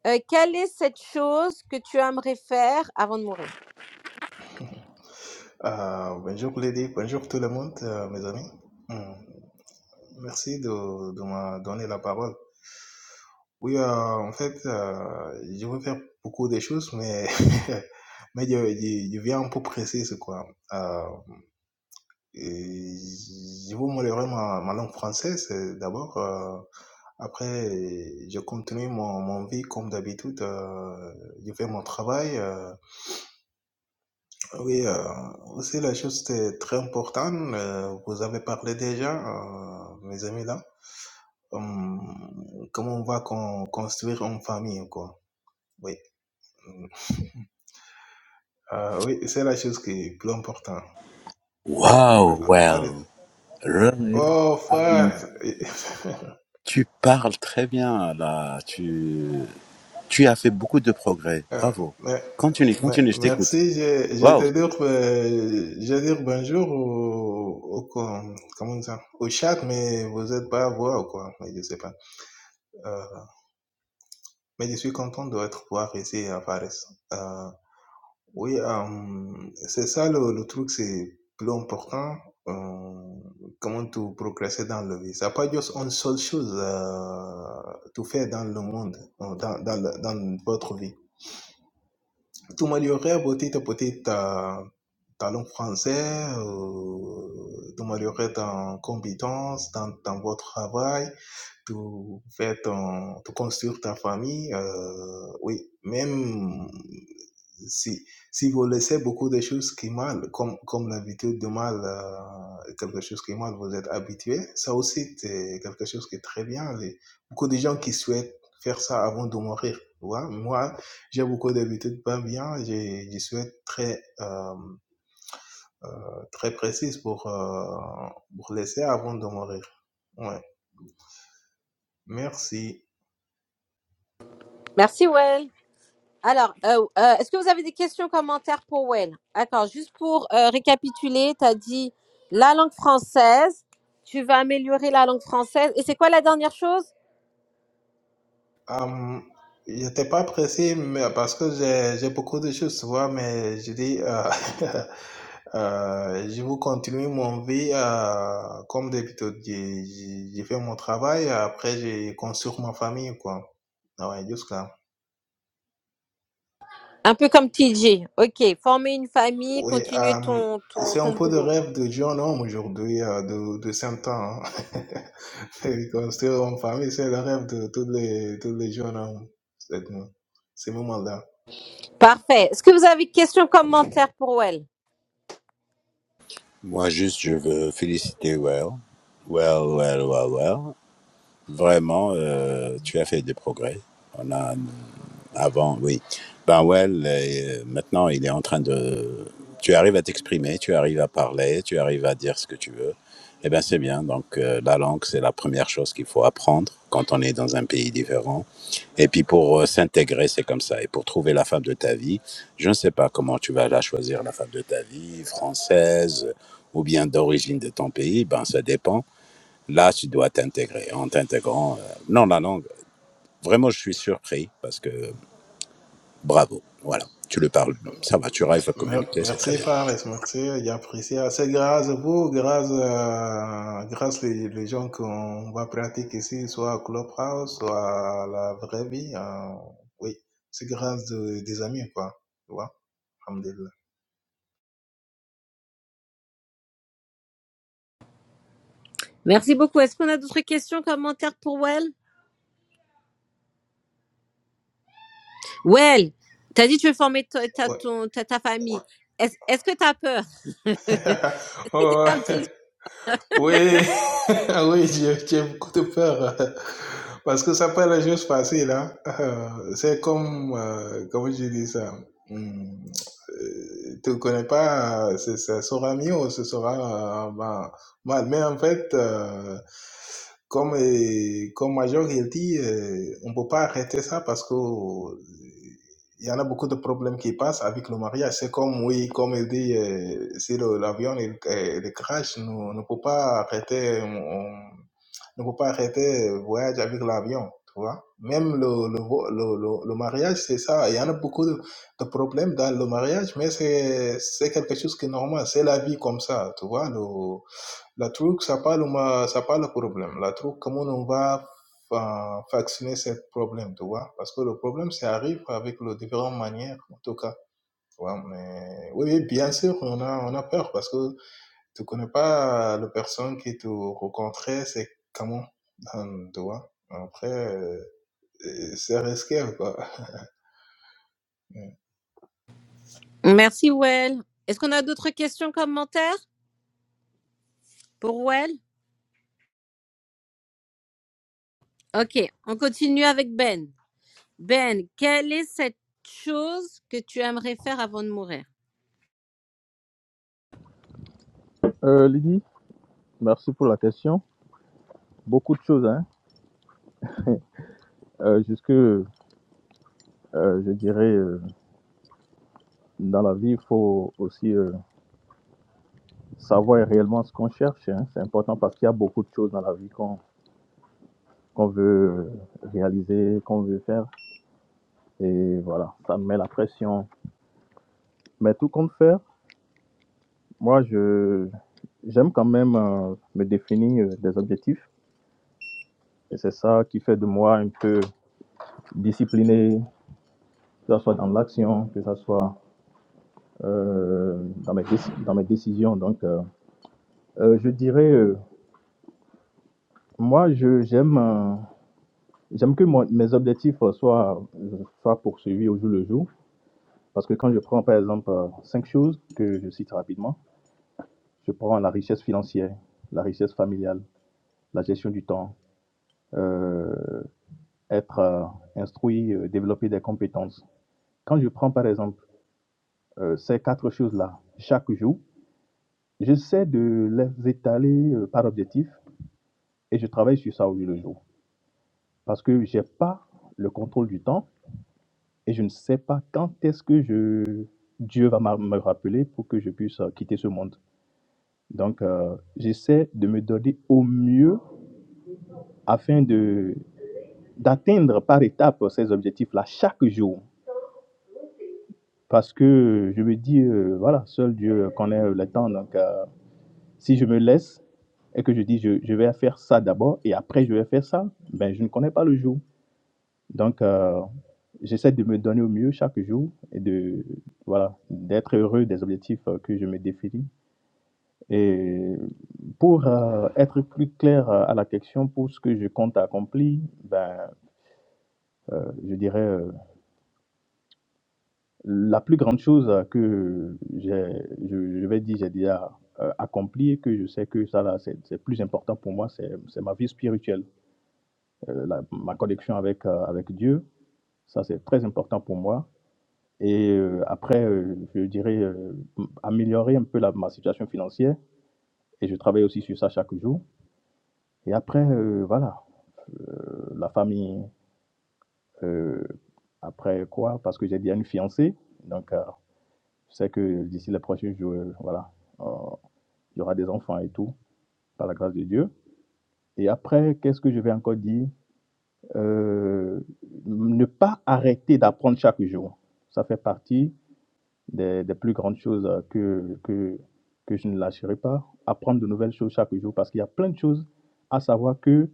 Speaker 1: euh, quelle est cette chose que tu aimerais faire avant de mourir
Speaker 5: Euh, bonjour Lady, bonjour tout le monde, euh, mes amis. Hmm. Merci de, de me donner la parole. Oui, heu, en fait, heu, je veux faire beaucoup de choses, mais mais je je je viens un peu pressé, c'est quoi. Heu et je veux améliorer ma ma langue française, heu, d'abord, heu, après je continue mon mon vie comme d'habitude, heu, je fais mon travail, heu, oui, heu, aussi la chose très très importante, heu, vous avez parlé déjà, heu, mes amis là, hem, comment on va con construire une famille, quoi. Oui, mmh. Ah oui, c'est la chose qui est plus importante.
Speaker 8: Wow,
Speaker 5: Ah, oh, frère.
Speaker 8: Waouh, wow.
Speaker 5: Oh, frère.
Speaker 8: tu parles très bien là. Tu, tu as fait beaucoup de progrès.
Speaker 5: Ah,
Speaker 8: Bravo.
Speaker 5: mais-
Speaker 8: Continue,
Speaker 5: mais-
Speaker 8: continue, je t'écoute.
Speaker 5: merci. Je, je
Speaker 8: Wow.
Speaker 5: te dire, euh, je vais dire bonjour au, au com- comment ça, au chat, mais vous n'êtes pas à voir ou quoi. Mais je sais pas. Euh, mais je suis content d'être voir ici à Paris. Oui, euh, c'est ça le, le truc, c'est plus important. euh, comment tu progresser dans la vie. Ça n'a pas juste une seule chose euh, tout faire dans le monde, euh, dans, dans, le- dans votre vie. Tu améliorer petit à petit ta, ta langue française, euh, tu améliorer ta compétence dans, dans votre travail, tout faire ton, tout construire ta famille. euh, oui, même si, si vous laissez beaucoup de choses qui mal, comme, comme l'habitude de mal, euh, quelque chose qui mal, vous êtes habitué, ça aussi, c'est quelque chose qui est très bien. Les- beaucoup de gens qui souhaitent faire ça avant de mourir. tu vois. Moi, j'ai beaucoup d'habitudes pas bien, j'ai je souhaite très, euh, euh, très précise pour, euh, pour laisser avant de mourir. Ouais. Merci.
Speaker 1: Merci, Well. Alors, euh, euh, est-ce que vous avez des questions, commentaires pour Wen D'accord, juste pour euh, récapituler, tu as dit la langue française, tu vas améliorer la langue française. Et c'est quoi la dernière chose
Speaker 5: Hum, j'étais pas pressé mais parce que j'ai j'ai beaucoup de choses, tu vois, mais je dis, euh, Euh, je vous continue mon vie. euh, comme d'habitude, j'ai j'ai- j'ai fait mon travail. Après, j'ai construit ma famille, quoi. Ah Ouais, jusqu'à.
Speaker 1: Un peu comme TJ. Ok, former une famille,
Speaker 5: Ouais,
Speaker 1: continuer
Speaker 5: euh,
Speaker 1: ton... ton...
Speaker 5: c'est un peu de rêve de jeune homme aujourd'hui, euh, de, de 100 ans. hein. Et Construire une famille, c'est le rêve de tous les, tous les jeunes hommes. C'est c'est le moment-là.
Speaker 1: Parfait. Est-ce que vous avez des questions, commentaires pour Well
Speaker 8: Moi, juste, je veux féliciter Well. Well, well, well, well. Vraiment, euh, tu as fait des progrès. Avant, oui. Ben ouais, les- maintenant, il est en train de... Tu arrives à t'exprimer, tu arrives à parler, tu arrives à dire ce que tu veux. Eh bien, c'est bien. Donc, euh, la langue, c'est la première chose qu'il faut apprendre quand on est dans un pays différent. Et puis, pour euh, s'intégrer, c'est comme ça. Et pour trouver la femme de ta vie, je ne sais pas comment tu vas la choisir, la femme de ta vie, française ou bien d'origine de ton pays. Ben, ça dépend. Là, tu dois t'intégrer. En t'intégrant, euh, non, la langue. Vraiment, je suis surpris parce que Bravo, voilà, tu le parles, ça va, tu arrives à
Speaker 5: Mer-
Speaker 8: communiquer, c'est très
Speaker 5: Merci,
Speaker 8: bien.
Speaker 5: frère, merci. J'apprécie. C'est grâce à vous, grâce, à- grâce les, les gens qu'on va pratiquer ici, soit à Clubhouse, soit à la vraie vie. euh, oui, c'est grâce de- des amis, quoi. Tu vois, alhamdulillah.
Speaker 1: Merci beaucoup. Est-ce qu'on a d'autres questions, commentaires pour Well Well, tu as dit que tu veux former ta, ta-
Speaker 5: Ouais.
Speaker 1: ton- ta- ta famille. Est-ce est-ce que tu as peur C'est comme T
Speaker 5: Ouais.
Speaker 1: J.
Speaker 5: Oui, oui, j'ai j'ai beaucoup de peur. euh, Parce que ça peut la chose facile, hein. Euh, C'est comme, euh, comment je dis ça? hum, euh, tu ne connais pas, euh, ce ce sera mieux, ou ce sera euh, ben, mal. Mais en fait, euh, comme, euh, comme Major il dit, euh, on ne peut pas arrêter ça parce que il y en a beaucoup de problèmes qui passent avec le mariage. C'est comme, oui, comme il dit, euh, si le- l'avion il, euh, il crash, nous ne pouvons pas arrêter, on- ne peut pas arrêter le voyage avec l'avion, tu vois. Même le, le, vo- le, le, le mariage, c'est ça. Il y en a beaucoup de, de problèmes dans le mariage, mais c'est c'est quelque chose qui est normal. C'est la vie comme ça, tu vois. le la truc, ça parle ma- ça parle le problème. La truc, comment on va euh, vacciner ce problème, tu vois? Parce que le problème, ça arrive avec les différentes manières, en tout cas. Tu vois, mais oui, oui, bien sûr, on a, on a peur parce que tu connais pas la personne qui te rencontrait, c'est comment, hum, tu vois? Après, euh, c'est risqué, quoi.
Speaker 1: Merci, Well. Est-ce qu'on a d'autres questions, commentaires pour Well Ok, on continue avec Ben. Ben, quelle est cette chose que tu aimerais faire avant de mourir
Speaker 7: Euh, Lydie, merci pour la question. Beaucoup de choses, hein. Euh, jusque, euh, je dirais, euh, dans la vie, il faut aussi euh, savoir réellement ce qu'on cherche. hein. C'est important parce qu'il y a beaucoup de choses dans la vie qu'on qu'on veut euh, réaliser, qu'on veut faire. Et voilà, ça me met la pression. Mais tout compte faire, moi, je j'aime quand même euh, me définir euh, des objectifs. Et c'est ça qui fait de moi un peu discipliné, que ce soit dans l'action, que ce soit euh, dans, mes déci- dans mes décisions. Donc, euh, euh, je dirais, euh, moi, je j'aime euh, j'aime que mon- mes objectifs euh, soient, euh, soient poursuivis au jour le jour. Parce que quand je prends, par exemple, euh, cinq choses que je cite rapidement, je prends la richesse financière, la richesse familiale, la gestion du temps, euh, être euh, instruit, euh, développer des compétences. Quand je prends par exemple euh, ces quatre choses-là chaque jour, j'essaie de les étaler euh, par objectif et je travaille sur ça au jour le jour. Parce que j'ai pas le contrôle du temps et je ne sais pas quand est-ce que je, Dieu va m'a- me rappeler pour que je puisse euh, quitter ce monde. Donc, euh, j'essaie de me donner au mieux afin de d'atteindre par étape ces objectifs-là chaque jour. Parce que euh, je me dis, euh, voilà, seul Dieu connaît euh, le temps. Donc, euh, si je me laisse et que je dis, je, je vais faire ça d'abord et après je vais faire ça, ben, je ne connais pas le jour. Donc, euh, j'essaie de me donner au mieux chaque jour et de, voilà, d'être heureux des objectifs euh, que je me définis. Et pour euh, être plus clair euh, à la question, pour ce que je compte accomplir, ben, euh, je dirais euh, La plus grande chose que j'ai- je, je vais dire, j'ai déjà euh, accompli et que je sais que ça, là, c'est c'est plus important pour moi, c'est c'est ma vie spirituelle, Euh, la- ma connexion avec, euh, avec Dieu. Ça, c'est très important pour moi. Et euh, après, euh, je dirais euh, m- améliorer un peu la, ma situation financière. Et je travaille aussi sur ça chaque jour. Et après, euh, voilà, euh, la famille. euh, après quoi Parce que j'ai déjà une fiancée. Donc, euh, Je sais que d'ici la prochaine, je, voilà, euh, il y aura des enfants et tout, par la grâce de Dieu. Et après, qu'est-ce que je vais encore dire Euh, Ne pas arrêter d'apprendre chaque jour. Ça fait partie des, des plus grandes choses euh, que, que, que je ne lâcherai pas. Apprendre de nouvelles choses chaque jour, parce qu'il y a plein de choses à savoir que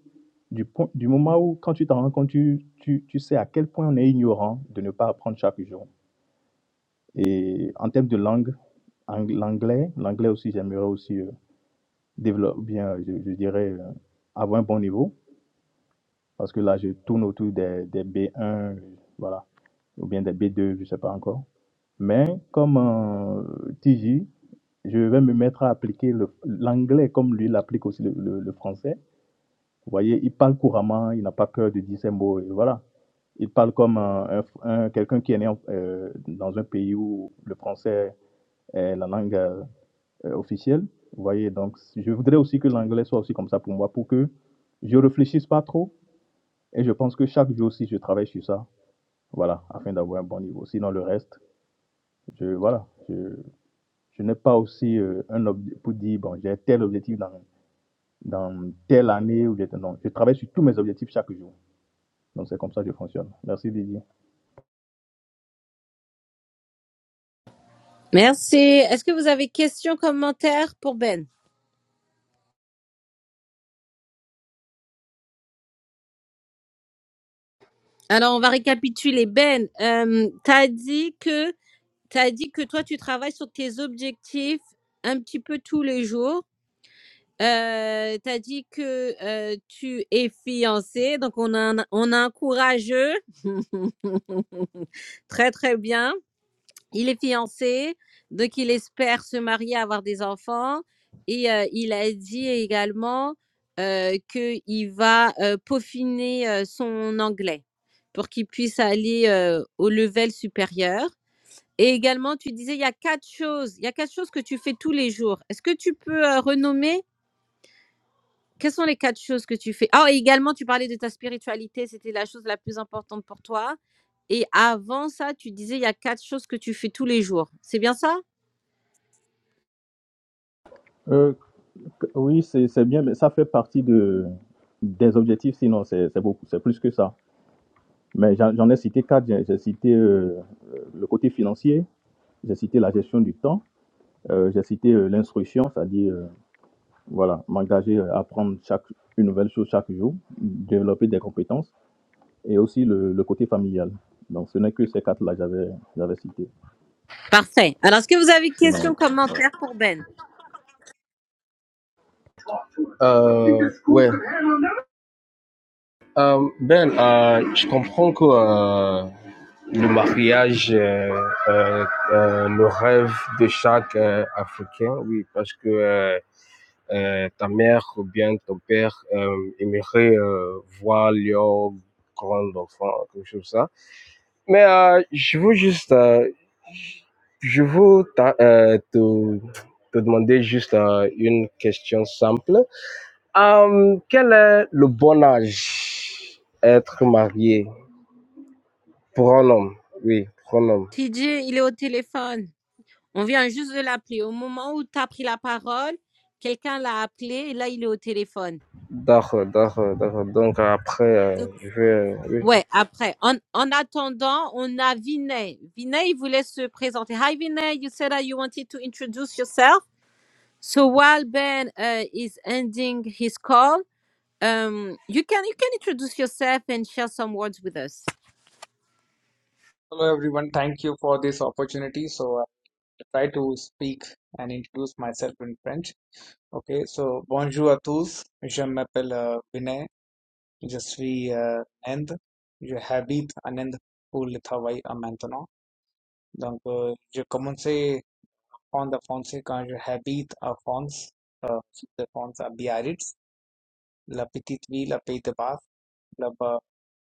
Speaker 7: du, point- du moment où, quand tu t'en rends compte, tu, tu, tu sais à quel point on est ignorant de ne pas apprendre chaque jour. Et en termes de langue, ang- l'anglais, l'anglais aussi, j'aimerais aussi euh, développer bien, euh, je, je dirais, euh, avoir un bon niveau, parce que là, je tourne autour des, des B1, euh, voilà, ou bien des B2, je ne sais pas encore. Mais comme euh, TJ, je vais me mettre à appliquer le- l'anglais comme lui l'applique aussi le, le- le français. Vous voyez, il parle couramment, il n'a pas peur de dire ses mots, et voilà. Il parle comme un, un- un- quelqu'un qui est né en- euh, dans un pays où le français est la langue. euh, euh, officielle. Vous voyez, donc je voudrais aussi que l'anglais soit aussi comme ça pour moi, pour que je ne réfléchisse pas trop. Et je pense que chaque jour aussi, je travaille sur ça, voilà, afin d'avoir un bon niveau. Sinon, le reste, je, voilà, je, je n'ai pas aussi euh, un objectif pour dire, bon, j'ai tel objectif dans, dans telle année. Ou j'ai tel- non, je travaille sur tous mes objectifs chaque jour. Donc, c'est comme ça que je fonctionne. Merci Didier.
Speaker 1: Merci. Est-ce que vous avez questions, commentaires pour Ben Alors, on va récapituler. Ben, euh, t'as dit que t'as dit que toi, tu travailles sur tes objectifs un petit peu tous les jours Heu, tu dit que, heu, tu es fiancé, donc on a un on a un courageux. Très, très bien. Il est fiancé, donc il espère se marier, avoir des enfants et heu, il a dit également, heu, qu'il va, heu, peaufiner, heu, son anglais pour qu'il puisse aller, heu, au level supérieur et également tu disais il y a 4 choses il y a 4 choses que tu fais tous les jours. Est-ce que tu peux, heu, renommer? Quelles sont les 4 choses que tu fais? Ah et également tu parlais de ta spiritualité, c'était la chose la plus importante pour toi et avant ça, tu disais il y a quatre choses que tu fais tous les jours. C'est bien ça?
Speaker 7: Euh, oui, c'est c'est bien, mais ça fait partie de, des objectifs, sinon c'est c'est beaucoup, c'est plus que ça. Mais j'en j'en ai cité quatre. J'ai j'ai cité euh, euh, le côté financier, j'ai cité la gestion du temps, euh, j'ai cité euh, l'instruction, c'est-à-dire euh, voilà, m'engager à apprendre chaque, une nouvelle chose chaque jour, développer des compétences, et aussi le, le côté familial. Donc ce n'est que ces quatre-là que j'avais j'avais cité.
Speaker 1: Parfait. Alors est-ce que vous avez
Speaker 7: Sinon,
Speaker 1: questions,
Speaker 7: voilà.
Speaker 1: commentaires pour Ben?
Speaker 3: Euh, ouais. Euh, ben, euh, je comprends que euh, le mariage euh, euh, euh, le rêve de chaque euh, Africain, oui, parce que euh, euh, ta mère ou bien ton père euh, aimerait euh, voir leur grand enfant, quelque chose comme ça. Mais euh, je veux juste, euh, je veux ta- euh, te, te demander juste euh, une question simple. Euh, quel est le bon âge être marié pour un homme? Oui, pour un homme.
Speaker 1: TJ, il est au téléphone. On vient juste de l'appeler. Au moment où tu as pris la parole, quelqu'un l'a appelé et là, il est au téléphone.
Speaker 3: D'accord, d'accord, d'accord. Donc après, euh,
Speaker 1: Donc,
Speaker 3: je vais. euh, oui.
Speaker 1: ouais, après. En, en attendant, on a Vinay. Vinay, il voulait se présenter. Hi, Vinay. You said that you wanted to introduce yourself. So while Ben uh, is ending his call, um, you can you can introduce yourself and share some words with us.
Speaker 9: Hello everyone, thank you for this opportunity. So I will try to speak and introduce myself in French. Okay, so bonjour à tous. Je m'appelle euh, Vinay. Je suis euh, Inde. Je habite en Inde pour le travail à maintenant. Donc euh, je commençais en de français quand je habite à France, euh, sud de France à Biarritz, la petite ville à Pays de Basque. Là-bas,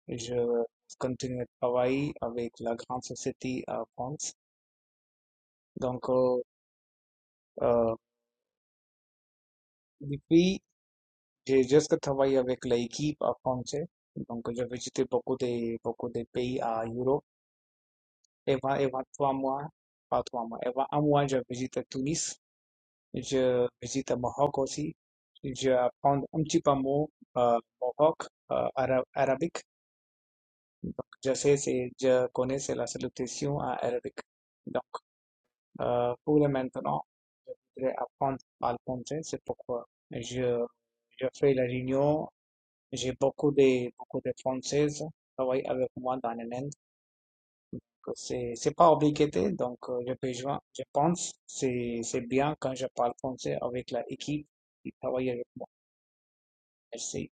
Speaker 9: je continue à travailler avec la grande société à France. Donc euh, euh, Di qui j'ai juste travaillé avec l'équipe euh, française. Donc, j'ai visité beaucoup de, beaucoup de pays à Europe. Avant, avant trois mois, pas trois mois, avant un mois, j'ai visité Tunis. Je visite Maroc aussi. Je apprends un petit peu mot euh, Maroc, euh, ara- arabique. Donc, je sais, c'est, je connais c'est la salutation en arabique. Donc, euh, pour le maintenant, je voudrais apprendre à le français. C'est pourquoi je, je fais la réunion J'ai beaucoup de, beaucoup de Françaises qui travaillent avec moi dans le Inde. que C'est, c'est pas obligatoire, donc euh, je peux joindre- je pense que c'est, c'est bien quand je parle français avec la équipe qui travaille avec moi. Merci.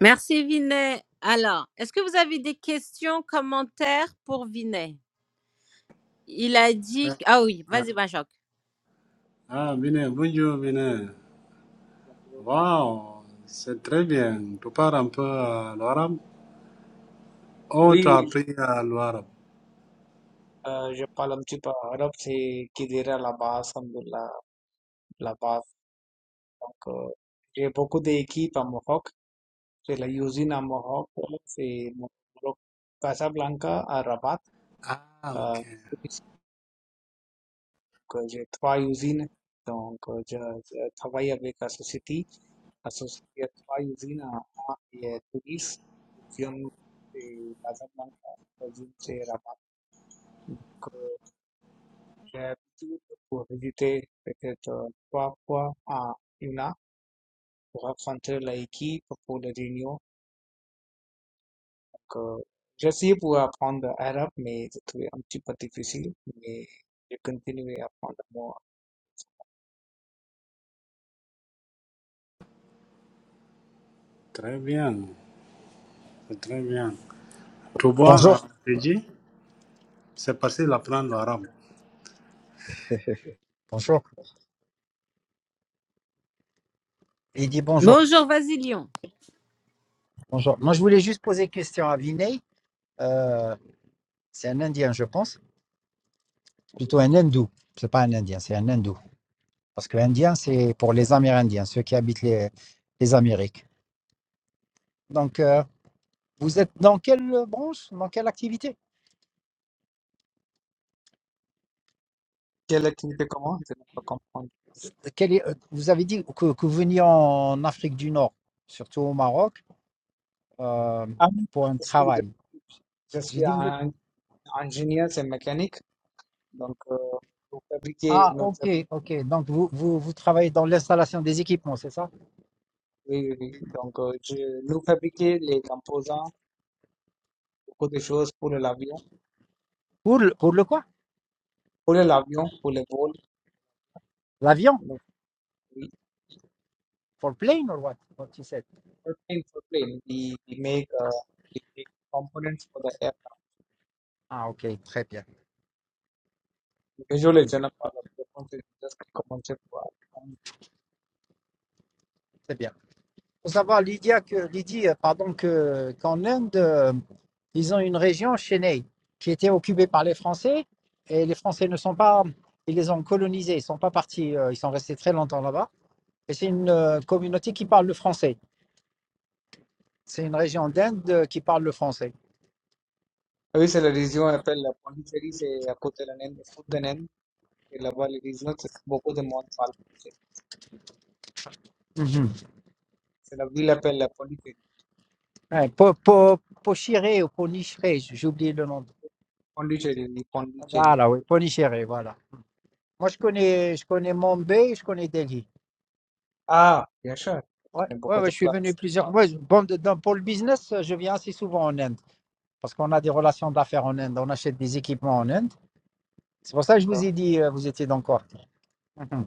Speaker 1: Merci, Vinay. Alors, est-ce que vous avez des questions, commentaires pour Vinay? Il a dit...
Speaker 2: Ah,
Speaker 1: Ah oui,
Speaker 2: ah,
Speaker 1: vas-y, Benjamin.
Speaker 2: Ah, bien, bonjour, bien. Wow, c'est très bien. Tu parles un peu euh, l'arabe? Oh, tu
Speaker 9: Oui,
Speaker 2: as
Speaker 9: oui.
Speaker 2: appris euh, l'arabe.
Speaker 9: Euh, je parle un petit peu arabe, c'est qui Kidira la base, Alhamdoulilah, la la base. Donc, euh, j'ai beaucoup d'équipes à Mohawk, c'est la usine à Mohawk, c'est Mohawk, Casablanca à Rabat.
Speaker 2: Ah, ok.
Speaker 9: Euh, que j'ai trois usines. Donc, euh, je, je travaille avec la société. La société a trois usines à, à et à Tunis, Fiume et Casablanca, Tunis et Rabat. Donc, euh, j'ai l'habitude pour visiter peut-être euh, trois fois à Yuna pour rencontrer l'équipe pour les réunions. Donc, euh, j'essayais pour apprendre l'arabe, mais j'ai trouvé un petit peu difficile. Mais j'ai continué à apprendre moi.
Speaker 2: Très bien, c'est très bien. Tu vois, euh,
Speaker 10: Bonjour.
Speaker 2: Fidji, c'est facile d'apprendre l'arabe.
Speaker 10: Bonjour. Il dit bonjour.
Speaker 1: Bonjour Vasilion.
Speaker 10: Bonjour. Moi, je voulais juste poser une question à Vinay. Euh, c'est un Indien, je pense. Plutôt un Hindou. C'est pas un Indien, c'est un Hindou. Parce que Indien, c'est pour les Amérindiens, ceux qui habitent les, les Amériques. Donc, euh, vous êtes dans quelle branche, dans quelle activité
Speaker 9: Quelle activité commence? Je ne peux pas comprendre.
Speaker 10: Quel est- euh, Vous avez dit que, que vous veniez en Afrique du Nord, surtout au Maroc, euh,
Speaker 9: Um,
Speaker 10: pour un
Speaker 9: je suis,
Speaker 10: travail.
Speaker 9: je
Speaker 10: J'ai
Speaker 9: suis
Speaker 10: dit, vous êtes...
Speaker 9: un ingénieur, c'est mécanique. Donc, euh, nous fabriquer,
Speaker 10: Ah,
Speaker 9: nous
Speaker 10: ok,
Speaker 9: fabri-
Speaker 10: ok. Donc, vous, vous, vous travaillez dans l'installation des équipements, c'est ça
Speaker 9: oui, oui, oui. Donc, euh, je, nous fabriquer les composants, beaucoup de choses pour l'avion,
Speaker 10: Pour le, pour le quoi
Speaker 9: pour l'avion, pour les vols.
Speaker 10: L'avion?
Speaker 9: Donc, we,
Speaker 10: For plane or what? What you said?
Speaker 9: for plane, for plane, we, we make, uh, we make components for the aircraft.
Speaker 10: Ah, ok, très bien.
Speaker 9: Usually,
Speaker 10: Mm,
Speaker 9: je not for the components, it's just a component for um,
Speaker 10: Très bien. Faut savoir, Lydia, que, Lydie, euh, pardon, que, qu'en Inde, euh, ils ont une région, Chennai, qui était occupée par les Français, et les Français ne sont pas, ils les ont colonisés, ils ne sont pas partis, euh, ils sont restés très longtemps là-bas, et c'est une euh, communauté qui parle le français. C'est une région d'Inde euh, qui parle le français.
Speaker 9: oui, c'est la région, on appelle la Pondichéry, c'est à côté de la Naine, le sud de la Naine. Et là-bas, les régions, c'est beaucoup de monde parle français.
Speaker 10: Mhm.
Speaker 9: C'est la ville appelle la Pondichéry.
Speaker 10: Ouais, Po- Po- Pochiré ou Ponichiré, j'ai oublié le nom.
Speaker 9: Pondicherry, in Pondicherry.
Speaker 10: Voilà, oui, Ponichiré, voilà. Moi, je connais, je connais Mumbai, je connais Delhi.
Speaker 9: Ah, bien sûr, je
Speaker 10: Ouais,
Speaker 9: connais
Speaker 10: ouais,
Speaker 9: beaucoup de
Speaker 10: ouais, je suis venu
Speaker 9: places.
Speaker 10: plusieurs fois. Bon, de- dans- pour le business, je viens assez souvent en Inde parce qu'on a des relations d'affaires en Inde. On achète des équipements en Inde. C'est pour ça que je vous
Speaker 9: D'accord.
Speaker 10: ai dit, euh, vous étiez dans Cork. Mhm.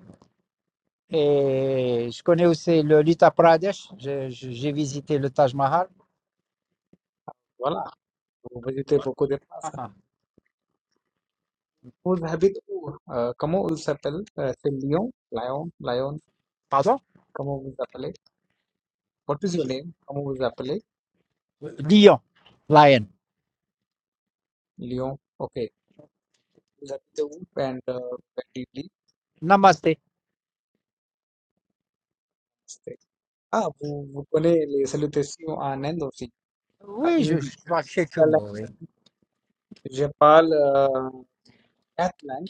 Speaker 10: Et je connais aussi le l'Uttar Pradesh. Je- je- J'ai visité le Taj Mahal.
Speaker 9: Voilà, vous visitez beaucoup de places.
Speaker 10: Ah,
Speaker 9: Vous habitez où? Euh, comment vous s'appelle? Euh, c'est Lyon? Lyon? Lyon?
Speaker 10: Pardon?
Speaker 9: Comment vous appelez? What is your name? Comment vous appelez?
Speaker 10: Lyon. Lion.
Speaker 9: Lyon. Ok. Vous habitez où? And euh, where do you live?
Speaker 10: Namasté.
Speaker 9: C'est- Ah, vous, vous connaissez les salutations en Inde aussi, en
Speaker 10: Oui, je,
Speaker 9: hindi.
Speaker 10: je parle quelques
Speaker 9: Voilà.
Speaker 10: mots. oui.
Speaker 9: Je parle euh, quatre langues,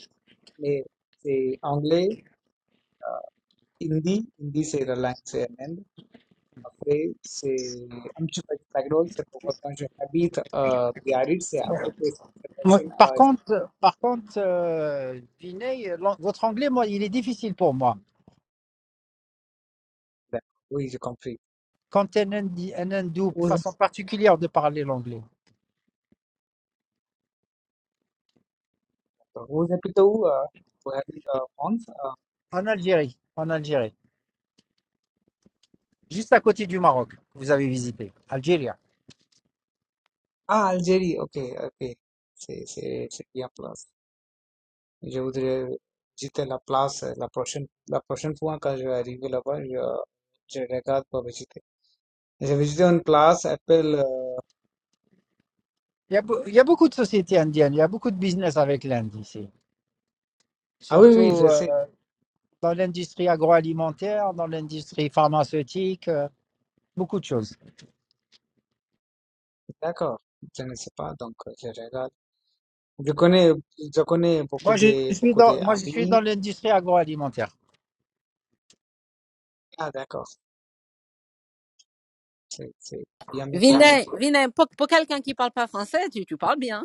Speaker 9: mais c'est anglais, euh, hindi, hindi c'est la langue c'est en Inde. Après, c'est un petit peu de background, c'est pourquoi quand j'habite à Biarritz, c'est à côté, c'est c'est
Speaker 10: Moi,
Speaker 9: prochaine
Speaker 10: Par
Speaker 9: à Istanbul.
Speaker 10: contre, par contre, euh, Vinay, l'an- votre anglais, moi, il est difficile pour moi.
Speaker 9: D'accord. Oui, j'ai compris.
Speaker 10: quand un, Indi- un hindou, une
Speaker 9: Vous,
Speaker 10: façon particulière de parler l'anglais,
Speaker 9: vous habitez où? euh, Vous habitez en France? euh,
Speaker 10: en
Speaker 9: oui.
Speaker 10: Algérie, en Algérie, juste à côté du Maroc, que vous avez visité, Algérie.
Speaker 9: Ah, Algérie, ok, ok. C'est c'est- c'est bien place. Je voudrais visiter la place euh, la prochaine, la prochaine fois quand je vais arriver là-bas, je, je regarde pour visiter. J'ai visité une place, appelle... euh,
Speaker 10: Il y, a, be- il y a beaucoup de sociétés indiennes, il y a beaucoup de business avec l'Inde ici,
Speaker 9: Ah oui,
Speaker 10: surtout
Speaker 9: oui, je sais.
Speaker 10: euh, dans l'industrie agroalimentaire, dans l'industrie pharmaceutique, euh, beaucoup de choses.
Speaker 9: D'accord. Je ne sais pas, donc euh, je regarde. je connais je connais beaucoup
Speaker 10: Moi, je
Speaker 9: de,
Speaker 10: suis
Speaker 9: beaucoup de
Speaker 10: dans, moi, je suis
Speaker 9: amis
Speaker 10: dans l'industrie agroalimentaire.
Speaker 9: amiga, d'accord, c'est c'est bien métier.
Speaker 1: Vinay, Vinay, pour, pour quelqu'un qui parle pas français, tu, tu parles bien.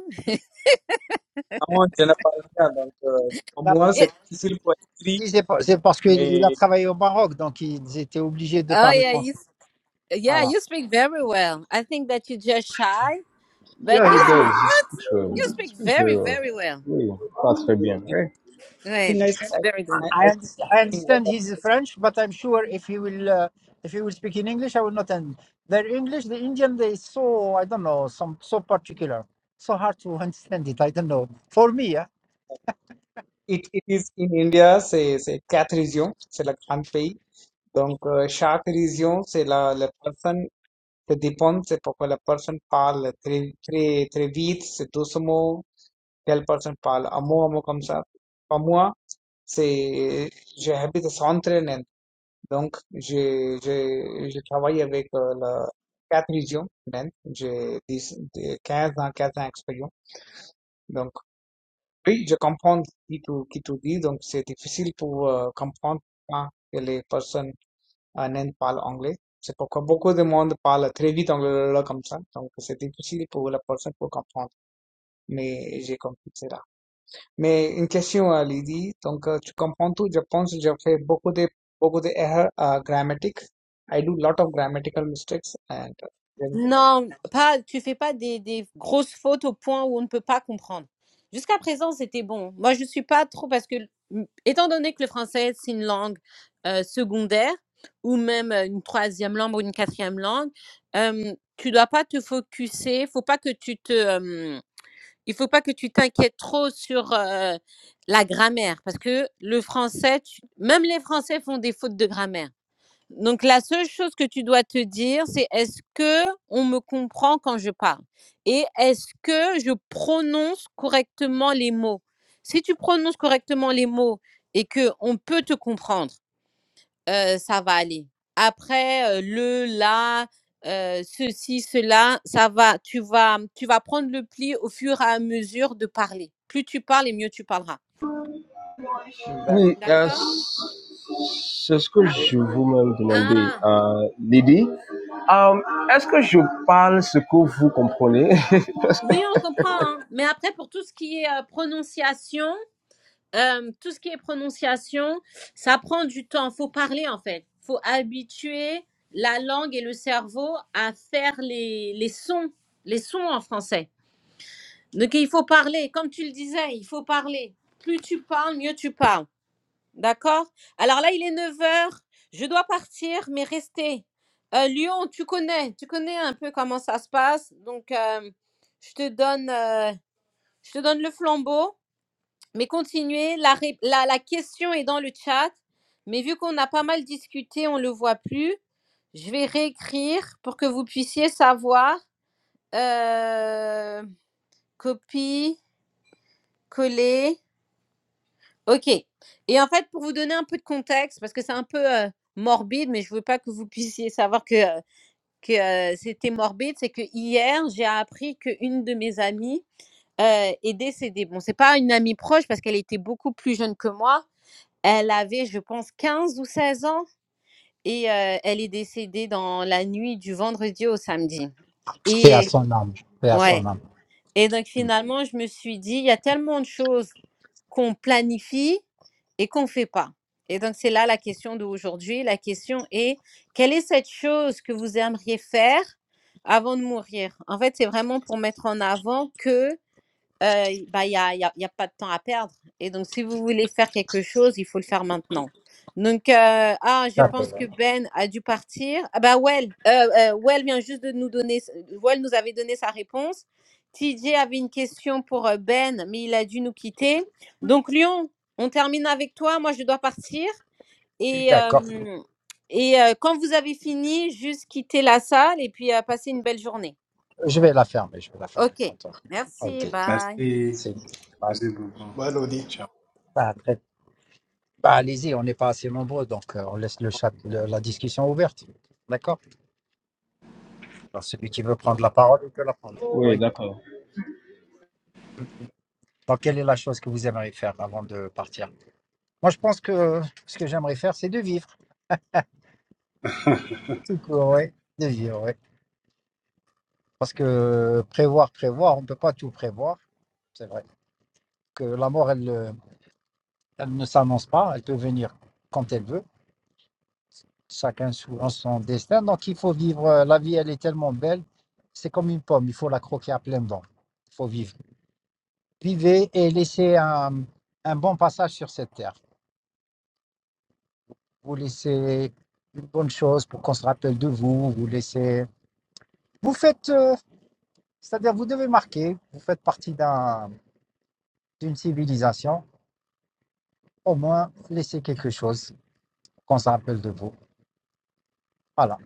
Speaker 9: No, yo no parla tanto Pour
Speaker 10: Là,
Speaker 9: moi, c'est
Speaker 1: It-
Speaker 9: difficile pour
Speaker 10: je
Speaker 9: écrire,
Speaker 10: dis, C'est pas- c'est parce qu'il a
Speaker 9: mais
Speaker 10: travaillé au Maroc, donc ils étaient obligés de
Speaker 1: oh
Speaker 10: parler
Speaker 1: yeah, you,
Speaker 10: français.
Speaker 1: s- yeah,
Speaker 10: Voilà.
Speaker 1: you speak very well. I think that you're just shy,
Speaker 3: Yeah,
Speaker 1: but
Speaker 3: he
Speaker 1: you speak
Speaker 3: does. He
Speaker 1: what?
Speaker 3: speaks well.
Speaker 1: You
Speaker 3: He
Speaker 1: speak
Speaker 3: speaks very
Speaker 1: very,
Speaker 3: well.
Speaker 1: very well.
Speaker 3: Oui, pas très bien. Oui.
Speaker 9: I
Speaker 1: Right,
Speaker 9: think I said,
Speaker 1: it's very good.
Speaker 9: I, I, I
Speaker 10: I, underst- I
Speaker 9: think what
Speaker 10: understand
Speaker 9: that
Speaker 10: he's
Speaker 9: is,
Speaker 10: French, but I'm sure if he will uh, if he will speak in English, I will not. And their English, the Indian, they so I don't know, some so particular, so hard to understand it. I don't know. For me, yeah.
Speaker 9: uh, it, it is in India, c'est c'est quatre régions, c'est le grand pays. Donc, euh, chaque région, c'est la, la personne, ça dépend, c'est pourquoi la personne parle très, très, très vite, c'est doucement, telle personne parle à mot, à mot comme ça. Pour moi, C'est, j'ai habité Centre-Nantes. Donc, j'ai, j'ai, j'ai travaillé avec euh, la, quatre régions Nantes. J'ai 10, de- 15 ans, 15 ans d'expérience. Donc, oui, je comprends ce que tu, qui tu dis. Donc, c'est difficile pour euh, comprendre quand les personnes à Nantes parlent anglais. C'est pourquoi beaucoup de monde parle très vite anglais là, comme ça. Donc, c'est difficile pour la personne pour comprendre. Mais j'ai compris ça. Mais une question, euh, Lydie. Donc, euh, tu comprends tout? Je pense que je fais beaucoup de beaucoup de erreurs uh, grammatic. I do lot of grammatical mistakes and uh, there is
Speaker 1: Non, pas, tu fais pas des, des grosses fautes au point où on ne peut pas comprendre. Jusqu'à présent, c'était bon. Moi, je suis pas trop parce que, m- étant donné que le français, c'est une langue euh, secondaire ou même euh, une troisième langue ou une quatrième langue, euh, tu dois pas te focuser. Faut pas que tu te, euh, il faut pas que tu t'inquiètes trop sur euh, la grammaire parce que le français, tu- même les Français font des fautes de grammaire. Donc la seule chose que tu dois te dire, c'est est-ce que on me comprend quand je parle et est-ce que je prononce correctement les mots. Si tu prononces correctement les mots et que on peut te comprendre, euh, ça va aller. Après euh, le la euh, ceci cela, ça va. Tu vas tu vas prendre le pli au fur et à mesure de parler. Plus tu parles et mieux tu parleras.
Speaker 9: a- that
Speaker 3: Oui,
Speaker 9: is
Speaker 3: euh,
Speaker 1: D'accord.
Speaker 3: c'est ce que
Speaker 9: the way
Speaker 3: je vous-même demandais,
Speaker 1: Ah
Speaker 3: euh, Lydie. Euh, Est-ce que je parle ce que vous comprenez Parce que-
Speaker 1: oui, on comprend. hein. Mais après pour tout ce qui est euh, prononciation. Euh, tout ce qui est prononciation, ça prend du temps. Faut parler en fait. Faut habituer la langue et le cerveau à faire les, les sons, les sons en français. Donc il faut parler. Comme tu le disais, il faut parler. Plus tu parles, mieux tu parles. D'accord Alors là, il est 9 heures. Je dois partir, mais rester. Euh, Lyon, tu connais, tu connais un peu comment ça se passe. Donc, euh, je te donne, euh, je te donne le flambeau. Mais continuez, la, ré- la, la question est dans le chat, mais vu qu'on a pas mal discuté, on ne le voit plus. Je vais réécrire pour que vous puissiez savoir. Euh, copie, coller. OK. Et en fait, pour vous donner un peu de contexte, parce que c'est un peu euh, morbide, mais je ne veux pas que vous puissiez savoir que, euh, que euh, c'était morbide, c'est que hier, j'ai appris qu'une de mes amies euh, est décédée. Bon, c'est pas une amie proche parce qu'elle était beaucoup plus jeune que moi, Elle avait, je pense, 15 ou 16 ans et euh, elle est décédée dans la nuit du vendredi au samedi.
Speaker 10: Paix à
Speaker 1: Et
Speaker 10: son âme, paix à son
Speaker 1: ouais.
Speaker 10: âme.
Speaker 1: Et donc finalement, je me suis dit, il y a tellement de choses qu'on planifie et qu'on fait pas. Et donc c'est là la question d'aujourd'hui. La question est, quelle est cette chose que vous aimeriez faire avant de mourir En fait, c'est vraiment pour mettre en avant que euh, y- bah, il n'y a, y a- y a pas de temps à perdre. Et donc, si vous voulez faire quelque chose, il faut le faire maintenant. Donc, euh, ah, je pense
Speaker 10: D'accord.
Speaker 1: que Ben a dû partir. Ah bah, Well, euh, euh, Well vient juste de nous donner, s- Well nous avait donné sa réponse. TJ avait une question pour euh, Ben, mais il a dû nous quitter. Donc, Lyon, on termine avec toi. Moi, je dois partir. Et,
Speaker 10: D'accord.
Speaker 1: euh, et euh, quand vous avez fini, juste quitter la salle et puis euh, passez une belle journée.
Speaker 10: Je vais la fermer, je vais la fermer,
Speaker 1: OK.
Speaker 10: content.
Speaker 1: Merci.
Speaker 10: Ok.
Speaker 1: Bye.
Speaker 2: Merci,
Speaker 10: C'est pas-
Speaker 2: merci beaucoup.
Speaker 5: Ouais, Lodi.
Speaker 2: Ciao.
Speaker 10: pas très- bah, allez-y, on n'est pas assez nombreux, donc euh, on laisse le chat, le- la discussion ouverte. D'accord. Alors celui qui veut prendre la parole, il peut la prendre.
Speaker 3: Oui,
Speaker 10: Oui.
Speaker 3: d'accord.
Speaker 10: Donc, quelle est la chose que vous aimeriez faire avant de partir Moi, je pense que ce que j'aimerais faire, c'est de vivre. Tout court, ouais. De vivre, ouais. Parce que prévoir, prévoir, on ne peut pas tout prévoir. C'est vrai. Que la mort, elle, euh, elle ne s'annonce pas. Elle peut venir quand elle veut. Chacun sou- en son destin. Donc, il faut vivre. euh, La vie, elle est tellement belle. C'est comme une pomme. Il faut la croquer à pleines dents. Il faut vivre. Vivez et laissez un, un bon passage sur cette terre. vous laissez une bonne chose pour qu'on se rappelle de vous, vous laissez... Vous faites, euh, c'est-à-dire vous devez marquer, vous faites partie d'un- d'une civilisation, au moins laissez quelque chose pour qu'on se rappelle de vous. Voilà.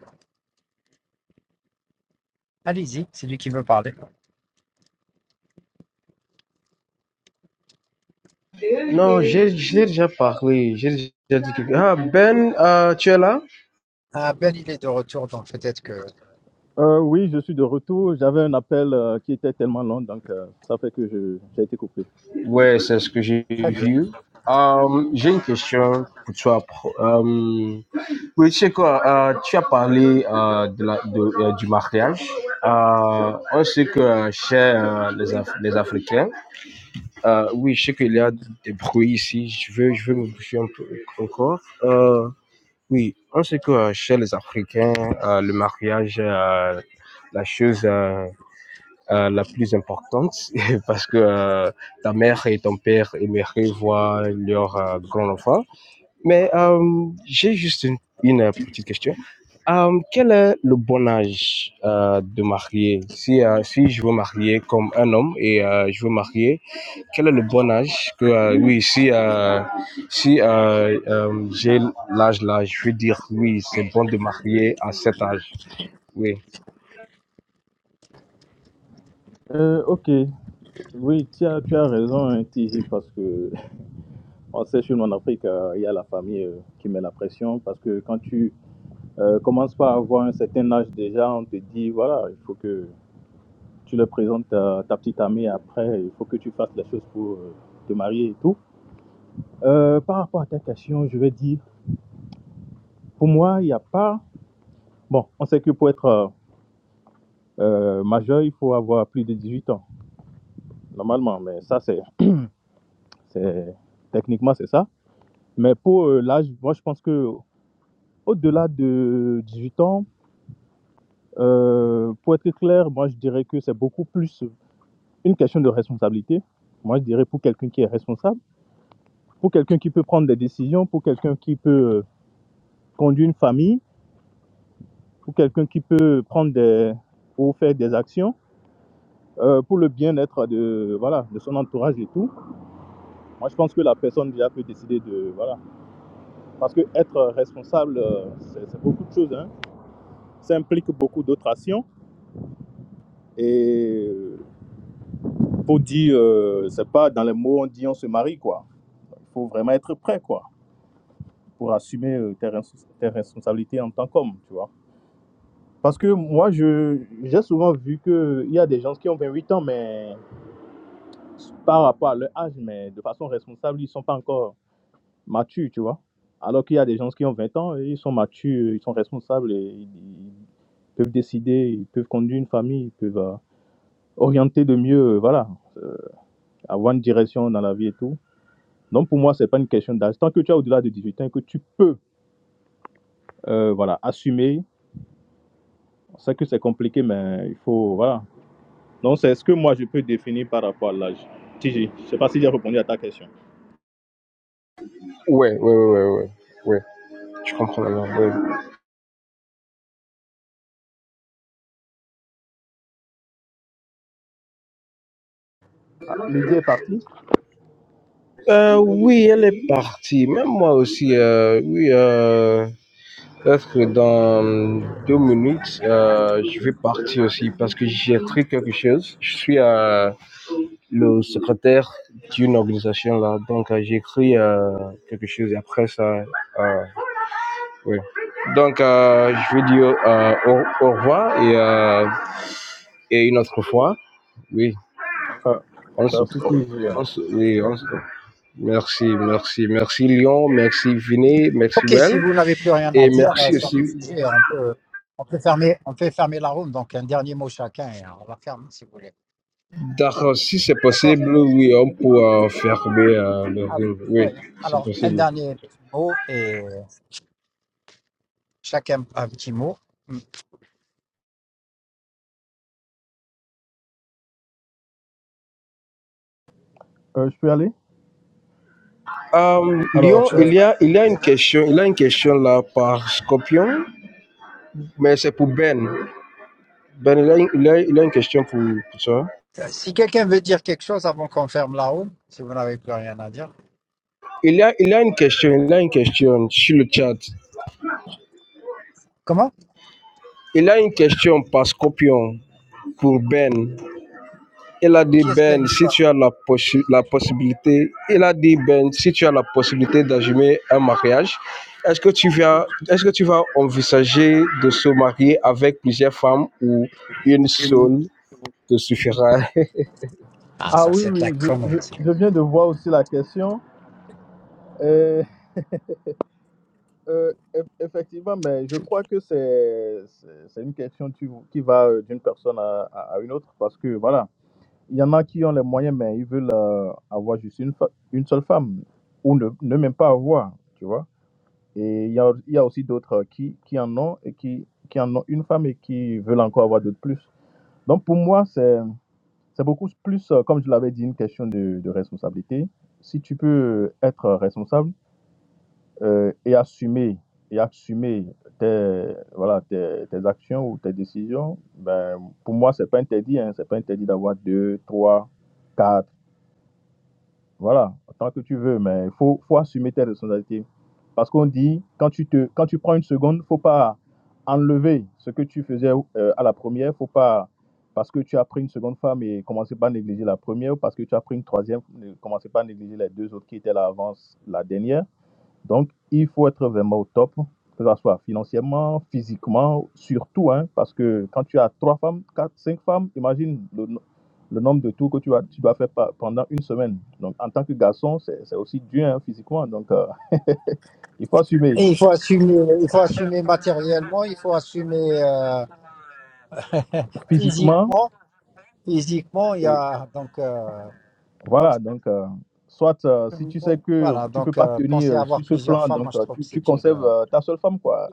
Speaker 10: Allez-y, c'est lui qui veut parler.
Speaker 3: Non, j'ai, je l'ai déjà parlé. J'ai déjà dit quelque Ah, Ben, euh, tu es là?
Speaker 10: Ah ben, il est de retour, donc peut-être que...
Speaker 7: Euh, oui, je suis de retour. J'avais un appel euh, qui était tellement long, donc euh, ça fait que je- j'ai été coupé.
Speaker 3: Oui, c'est ce que j'ai
Speaker 10: Très bien.
Speaker 3: vu. Euh, j'ai une question pour toi. pro- Euh, oui, tu sais quoi, euh, tu as parlé euh, de la, de, euh, du mariage. Euh, on sait que chez euh, les, Af- les Africains, Ah oui, je sais qu'il y a des bruits ici. Je veux, je veux me bouger un peu encore. Euh, oui, on sait que euh, chez les Africains, euh, le mariage est euh, la chose euh, euh, la plus importante parce que euh, ta mère et ton père aimeraient voir leur euh, grand-enfant. Mais euh, j'ai juste une, une, euh, petite question. Euh, quel est le bon âge euh, de marier? Si, euh, si je veux marier comme un homme et euh, je veux marier, quel est le bon âge que, euh, oui, si, euh, si euh, euh, j'ai l'âge là, je veux dire, oui, c'est bon de marier à cet âge. Oui.
Speaker 7: Euh, ok, oui, tu as, tu as raison, hein, TJ, parce que On sait surtout en Afrique, euh, il y a la famille euh, qui met la pression parce que quand tu euh, commences pas à avoir un certain âge déjà, on te dit voilà, il faut que tu le présentes à ta petite amie après, il faut que tu fasses les choses pour euh, te marier et tout. Euh, par rapport à ta question, je vais dire, pour moi, il n'y a pas. Bon, on sait que pour être euh, euh, majeur, il faut avoir plus de 18 ans, normalement, mais ça, c'est. c'est- Techniquement, c'est ça. Mais pour euh, l'âge, moi, je pense que au-delà de 18 ans, Euh, pour être clair, moi je dirais que c'est beaucoup plus une question de responsabilité. Moi je dirais pour quelqu'un qui est responsable, pour quelqu'un qui peut prendre des décisions, pour quelqu'un qui peut euh, conduire une famille, pour quelqu'un qui peut prendre des ou faire des actions euh, pour le bien-être de voilà de son entourage et tout. Moi je pense que la personne déjà peut décider de voilà parce que être responsable euh, c'est c'est beaucoup de choses. Hein. Ça implique beaucoup d'autres actions et euh, pour dire euh, c'est pas dans les mots on dit on se marie quoi. Il faut vraiment être prêt, quoi, pour assumer euh, tes, respons- tes responsabilités en tant qu'homme, tu vois. Parce que moi, je j'ai souvent vu qu'il y a des gens qui ont 28 ans, mais par rapport à leur âge, mais de façon responsable, ils ne sont pas encore matures, tu vois. Alors qu'il y a des gens qui ont 20 ans, et ils sont matures, ils sont responsables, et ils, ils peuvent décider, ils peuvent conduire une famille, ils peuvent euh, orienter de mieux, euh, voilà, euh, avoir une direction dans la vie et tout. Donc pour moi, c'est pas une question d'âge. Tant que tu as au-delà de 18 ans, que tu peux euh, voilà, assumer C'est que c'est compliqué, mais il faut, voilà. Donc, c'est ce que moi, je peux définir par rapport à l'âge. TG, je ne sais pas si j'ai répondu à ta question.
Speaker 3: Ouais, ouais, ouais, ouais, ouais. Je comprends la langue, ouais.
Speaker 7: Ah, Lydie est partie.
Speaker 3: Euh, oui, elle est partie. Même moi aussi, euh, oui. Euh... Peut-être que dans deux minutes, euh, je vais partir aussi parce que j'ai écrit quelque chose. Je suis euh, le secrétaire d'une organisation là, donc euh, j'ai écrit euh, quelque chose et après ça, euh, oui. Donc euh, je vais dire euh, au, au revoir et, euh, et une autre fois, oui,
Speaker 7: Euh,
Speaker 3: on se,
Speaker 7: merci, TJ.
Speaker 3: on se, oui, on se, merci, merci, merci Lyon, merci Vinay, merci
Speaker 10: Ok,
Speaker 3: Well
Speaker 10: si vous n'avez plus rien à
Speaker 3: et
Speaker 10: dire euh,
Speaker 3: merci
Speaker 10: sur le
Speaker 3: aussi
Speaker 10: sujet, on peut, on peut, fermer, on peut fermer la room, donc un dernier mot chacun, et on la ferme si vous voulez.
Speaker 3: D'accord, si c'est
Speaker 10: D'accord
Speaker 3: possible, oui, on pourra fermer euh, le
Speaker 10: Ah,
Speaker 3: room. Oui,
Speaker 10: ouais.
Speaker 3: c'est
Speaker 10: Alors, un
Speaker 3: possible.
Speaker 10: dernier mot et chacun un petit mot,
Speaker 7: Euh, je peux aller
Speaker 3: Euh,
Speaker 7: Alors,
Speaker 10: quelque
Speaker 3: Lyon,
Speaker 7: euh,
Speaker 10: chose.
Speaker 3: il y a, il y a une question, il y a une question là par Scorpion, mais c'est pour Ben. Ben, il y a, une- il y a- il y a une question pour, pour toi.
Speaker 10: Euh, Si quelqu'un veut dire quelque chose avant qu'on ferme la room, si vous n'avez plus rien à dire.
Speaker 3: Il y a, il y a une question, il y a une question sur le chat.
Speaker 10: Comment
Speaker 3: Il y a une question par Scorpion pour Ben. Il a dit,
Speaker 10: Qui est-ce qui a une
Speaker 3: Ben, si
Speaker 10: histoire
Speaker 3: tu as la, possi- la possibilité, il a dit, Ben, si tu as la possibilité d'assumer un mariage, est-ce que, tu vas, est-ce que tu vas envisager de se marier avec plusieurs femmes ou une seule te suffira
Speaker 10: Ah,
Speaker 7: ah
Speaker 10: ça,
Speaker 7: oui,
Speaker 10: c'est de la
Speaker 7: oui, je, je,
Speaker 10: connerie. ça.
Speaker 7: je viens de voir aussi la question. Euh, euh, eff- effectivement, mais je crois que c'est c'est- c'est une question tu qui va euh, d'une personne à, à- à une autre parce que voilà, il y en a qui ont les moyens, mais ils veulent euh, avoir juste une, fa- une seule femme ou ne, ne même pas avoir, tu vois. Et il y a, il y a aussi d'autres qui, qui en ont et qui, qui en ont une femme et qui veulent encore avoir d'autres plus. Donc pour moi, c'est, c'est beaucoup plus, euh, comme je l'avais dit, une question de, de responsabilité. Si tu peux être responsable euh, et assumer et assumer tes, voilà, tes, tes actions ou tes décisions, ben, pour moi, c'est pas interdit. Hein, c'est pas interdit d'avoir deux, trois, quatre voilà, tant que tu veux, mais il faut, faut assumer tes responsabilités. Parce qu'on dit, quand tu, te, quand tu prends une seconde, il ne faut pas enlever ce que tu faisais euh, à la première. faut pas, parce que tu as pris une seconde femme et commencer pas à négliger la première, ou parce que tu as pris une troisième, ne commencez pas à négliger les deux autres qui étaient là avant la dernière. Donc, il faut être vraiment au top, que ce soit financièrement, physiquement, surtout, hein, parce que quand tu as trois femmes, quatre, cinq femmes, imagine le, no- le nombre de tours que tu, as tu dois faire pa- pendant une semaine. Donc, en tant que garçon, c'est c'est aussi dur hein, physiquement. Donc, euh, il faut assumer
Speaker 10: Et il faut assumer, il faut assumer matériellement, il faut assumer euh,
Speaker 7: physiquement.
Speaker 10: physiquement. Physiquement, il y
Speaker 7: Et
Speaker 10: a donc. euh, donc,
Speaker 7: voilà, donc, euh, soit euh, si tu sais que
Speaker 10: voilà,
Speaker 7: tu peux
Speaker 10: donc
Speaker 7: pas
Speaker 10: euh,
Speaker 7: tenir
Speaker 10: penser à
Speaker 7: euh,
Speaker 10: avoir
Speaker 7: sur ce
Speaker 10: plusieurs
Speaker 7: plan,
Speaker 10: femmes,
Speaker 7: donc
Speaker 10: moi je
Speaker 7: euh,
Speaker 10: trouve que
Speaker 7: tu, tu
Speaker 10: c'est une.
Speaker 7: conserves
Speaker 10: euh,
Speaker 7: euh, ta seule femme, quoi.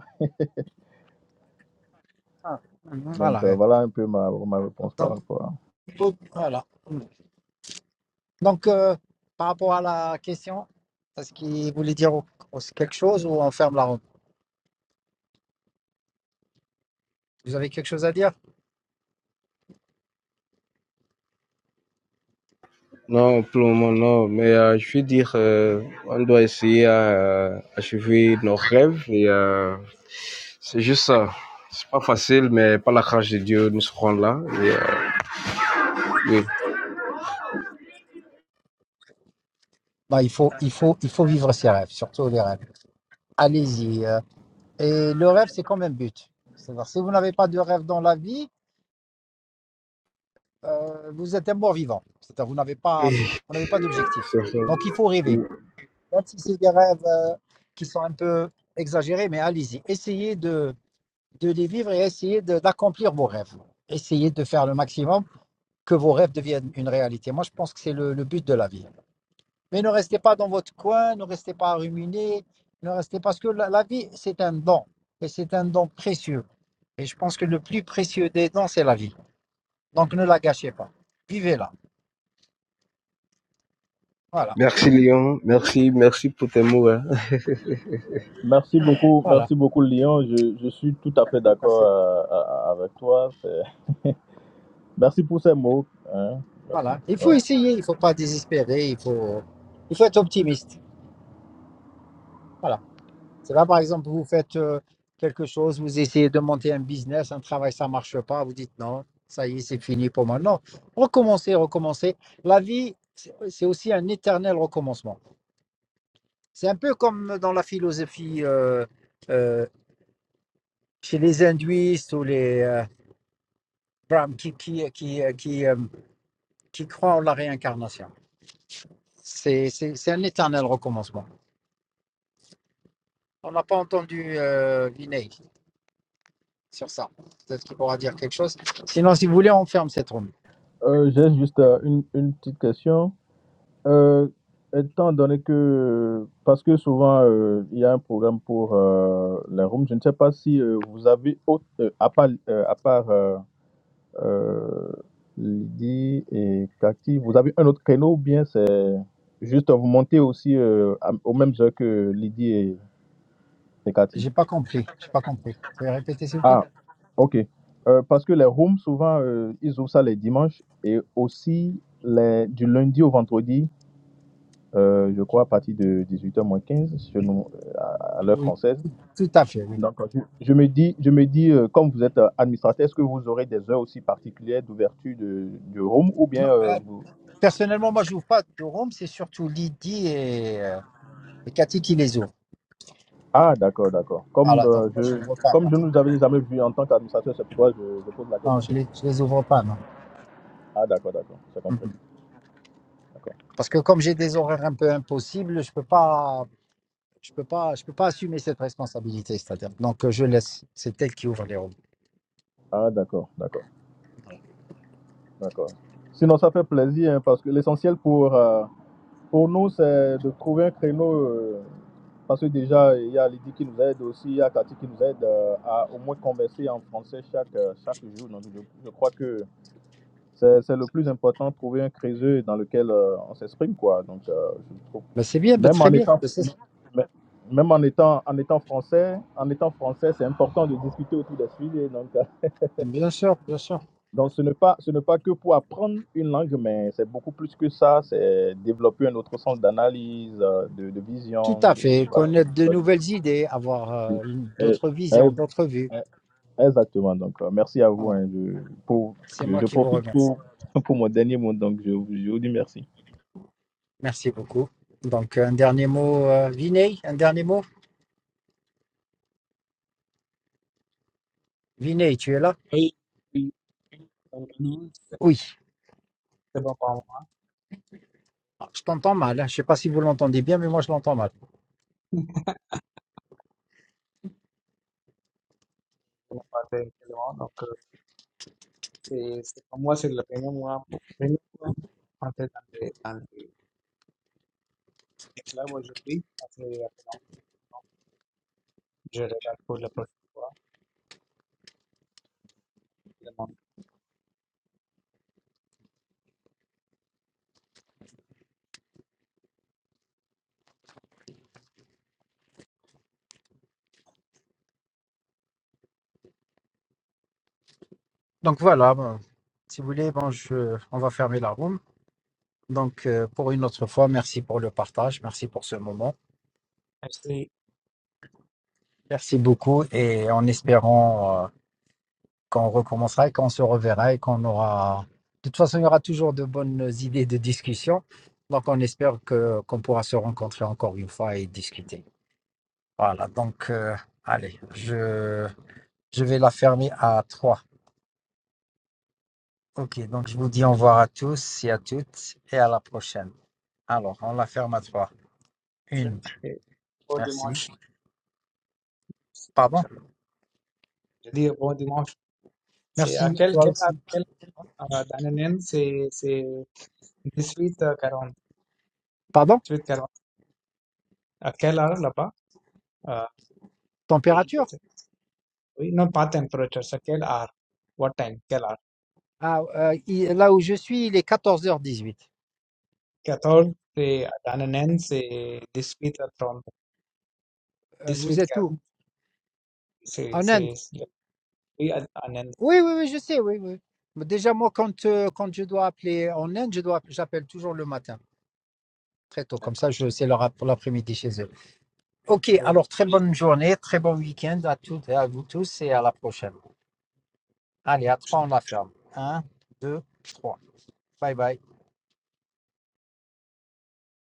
Speaker 10: ah, mhm.
Speaker 7: Donc, euh,
Speaker 10: voilà. euh,
Speaker 7: voilà un peu ma, ma réponse par
Speaker 10: Donc,
Speaker 7: rapport à...
Speaker 10: faut- voilà. Donc, euh, par rapport à la question, est-ce qu'il voulait dire au- au- quelque chose ou on ferme la room Vous avez quelque chose à dire
Speaker 3: Non, pour le moment, non. Mais euh, je veux dire, euh, on doit essayer à achever nos rêves. Et euh, c'est juste ça. C'est pas facile, mais par la grâce de Dieu, nous serons là. Et, euh, oui,
Speaker 10: bah, il, faut, il, faut, il faut vivre ses rêves, surtout les rêves. Allez-y. euh. Et le rêve, c'est quand même but. C'est-à-dire, si vous n'avez pas de rêve dans la vie, euh, vous êtes un mort vivant. C'est-à-dire, vous n'avez pas,
Speaker 3: Oui,
Speaker 10: vous n'avez pas d'objectif.
Speaker 3: c'est ça.
Speaker 10: Donc, il faut rêver. Même si c'est des rêves euh, qui sont un peu exagérés, mais allez-y. Essayez de, de les vivre et essayez de- d'accomplir vos rêves. Essayez de faire le maximum que vos rêves deviennent une réalité. Moi, je pense que c'est le, le but de la vie. Mais ne restez pas dans votre coin, ne restez pas à ruminer, ne restez parce que la, la vie, c'est un don, et c'est un don précieux. Et je pense que le plus précieux des dons, c'est la vie. Donc, ne la gâchez pas. Vivez-la. Voilà,
Speaker 3: Merci Léon, merci, merci pour tes mots. hein.
Speaker 7: Merci beaucoup,
Speaker 10: voilà.
Speaker 7: merci beaucoup Lyon. Je, je suis tout à fait d'accord euh, à- à- avec toi. C'est- Merci pour ces mots. hein. Merci.
Speaker 10: Voilà. Il
Speaker 7: Ouais.
Speaker 10: faut essayer, il ne faut pas désespérer, il faut, il faut être optimiste. Voilà. C'est pas, par exemple, vous faites euh, quelque chose, vous essayez de monter un business, un travail, ça marche pas, vous dites non, ça y est, c'est fini pour moi. Non, recommencer, recommencer. La vie, c'est c'est aussi un éternel recommencement. C'est un peu comme dans la philosophie euh, euh, chez les hindouistes ou les euh, brahmes qui, qui, qui, euh, qui, euh, qui croient en la réincarnation. C'est c'est- c'est un éternel recommencement. On n'a pas entendu euh, Vinay sur ça. Peut-être qu'il pourra dire quelque chose. Sinon, si vous voulez, on ferme cette room.
Speaker 7: Euh, J'ai juste euh, une, une petite question. Euh, étant donné que, parce que souvent euh, il y a un programme pour euh, les rooms, je ne sais pas si euh, vous avez autre, euh, à part, euh, à part euh, euh, Lydie et Cathy, vous avez un autre créneau ou bien c'est juste vous montez aussi euh, à- aux mêmes heures que Lydie et, et Cathy?
Speaker 10: J'ai pas compris. J'ai pas compris. Vous pouvez répéter, s'il vous plaît?
Speaker 7: Ah, ok. Euh, parce que les rooms, souvent, euh, ils ouvrent ça les dimanches et aussi les, du lundi au vendredi, euh, je crois, à partir de 18h moins 15, chez nous, euh, à, à l'heure
Speaker 10: Oui.
Speaker 7: française.
Speaker 10: Tout, tout à fait, oui.
Speaker 7: Donc, je, je me dis, je me dis euh, comme vous êtes euh, administrateur, est-ce que vous aurez des heures aussi particulières d'ouverture de, du room ou
Speaker 10: Non,
Speaker 7: bien euh,
Speaker 10: euh,
Speaker 7: vous...
Speaker 10: personnellement, moi, je n'ouvre pas de room. C'est surtout Lydie et, euh, et Cathy qui les ouvrent.
Speaker 7: Ah, d'accord, d'accord. Comme,
Speaker 10: Voilà. Donc,
Speaker 7: euh,
Speaker 10: moi, je
Speaker 7: je,
Speaker 10: n'ouvre pas,
Speaker 7: comme
Speaker 10: non.
Speaker 7: je ne vous avais jamais vu en tant qu'administrateur, c'est pourquoi je, je pose la
Speaker 10: Non,
Speaker 7: question.
Speaker 10: je
Speaker 7: quoi.
Speaker 10: les, je les ouvre pas, non.
Speaker 7: Ah, d'accord, d'accord. C'est compris.
Speaker 10: Mhm.
Speaker 7: D'accord.
Speaker 10: Parce que comme j'ai des horaires un peu impossibles, je peux pas, je peux pas, je peux pas assumer cette responsabilité, c'est-à-dire. Donc, euh, je laisse. C'est elle qui ouvre les rooms.
Speaker 7: Ah, d'accord, d'accord. D'accord. Sinon, ça fait plaisir, hein, parce que l'essentiel pour, euh, pour nous, c'est de trouver un créneau. euh, parce que déjà, il y a Lydie qui nous aide aussi, il y a Cathy qui nous aide euh, à au moins converser en français chaque, euh, chaque jour. Donc, je, je crois que c'est c'est le plus important, trouver un créneau dans lequel euh, on s'exprime, quoi. Donc, euh, je trouve.
Speaker 10: Ben, c'est bien, ben,
Speaker 7: Même
Speaker 10: très
Speaker 7: en
Speaker 10: bien.
Speaker 7: étant.
Speaker 10: Ben, c'est-
Speaker 7: Même en étant, en étant français, en étant français, c'est important de discuter autour des sujets. Donc,
Speaker 10: Bien sûr, bien sûr.
Speaker 7: Donc, ce n'est pas, ce n'est pas que pour apprendre une langue, mais c'est beaucoup plus que ça. C'est développer un autre sens d'analyse, euh, de, de
Speaker 10: Tout
Speaker 7: vision.
Speaker 10: à
Speaker 7: De,
Speaker 10: fait,
Speaker 7: voilà.
Speaker 10: connaître de nouvelles idées, avoir euh, une-
Speaker 7: Et-
Speaker 10: d'autres
Speaker 7: et-
Speaker 10: visions, d'autres vues.
Speaker 7: et- exactement. Donc, euh, merci à vous.
Speaker 10: Voilà.
Speaker 7: hein, je, pour,
Speaker 10: C'est
Speaker 7: je,
Speaker 10: moi
Speaker 7: je
Speaker 10: qui vous
Speaker 7: profite
Speaker 10: remercie.
Speaker 7: pour, pour mon dernier mot. Donc, je, je vous dis merci.
Speaker 10: Merci beaucoup. Donc, un dernier mot, euh, Vinay, un dernier mot. Vinay, tu es là?
Speaker 9: I we uh, lose
Speaker 10: Oui.
Speaker 9: the performance.
Speaker 10: Ah, Je t'entends mal. hein. Je ne sais pas si vous l'entendez bien, mais moi, je l'entends mal.
Speaker 9: la parte del telón, no creo que se como hacer la pena una pena antes de ante esclavo yo vi hace de acá no yo regal por la próxima le mando
Speaker 10: Donc, voilà. bon, si vous voulez, bon, je, on va fermer la room. Donc, euh, pour une autre fois, merci pour le partage. Merci pour ce moment.
Speaker 9: este
Speaker 10: Merci beaucoup. Et en espérant euh, quand on recommencera et quand on se reverra et qu'on aura. De toute façon, il y aura toujours de bonnes idées de discussion. Donc, on espère que qu'on pourra se rencontrer encore une fois et discuter. Voilà. Donc, euh, allez, je, je vais la fermer à 3. OK. Donc, je vous dis au revoir à tous et à toutes et à la prochaine. Alors, on la ferme à trois.
Speaker 9: yo
Speaker 10: Une.
Speaker 9: que por de
Speaker 10: Merci.
Speaker 9: march
Speaker 10: Pardon.
Speaker 9: यदि बहुत Sí,
Speaker 10: Merci.
Speaker 9: aquel
Speaker 10: Toi
Speaker 9: que era
Speaker 10: aussi.
Speaker 9: aquel, ¿no? Ah, Dananén se, se disfruta Carón,
Speaker 10: Pardon?
Speaker 9: disfruta Carón. Aquel hour la pa, ah, y
Speaker 10: Température?
Speaker 9: pues, we no pa temperatures, aquel hour, what time, aquel hour.
Speaker 10: Ah, euh, il- là où je suis, il est 14h18.
Speaker 9: Cathol se Dananén se disfruta Tron,
Speaker 10: Euh, vous
Speaker 9: disfruta
Speaker 10: êtes
Speaker 9: Carón,
Speaker 10: où?
Speaker 9: se,
Speaker 10: En Inde?
Speaker 9: se, we Anand
Speaker 10: Oui, oui, oui, je sais, oui, oui. Mais déjà, moi, quand, euh, quand je dois appeler en Inde, je dois, j'appelle toujours le matin, très tôt, comme
Speaker 9: la
Speaker 10: ça, je sais leur app- pour l'après-midi chez eux. Ok, alors très bonne journée, très bon week-end à toutes et à vous tous et à la prochaine. Allez, à trois, on la ferme. Un, deux, trois. Bye bye.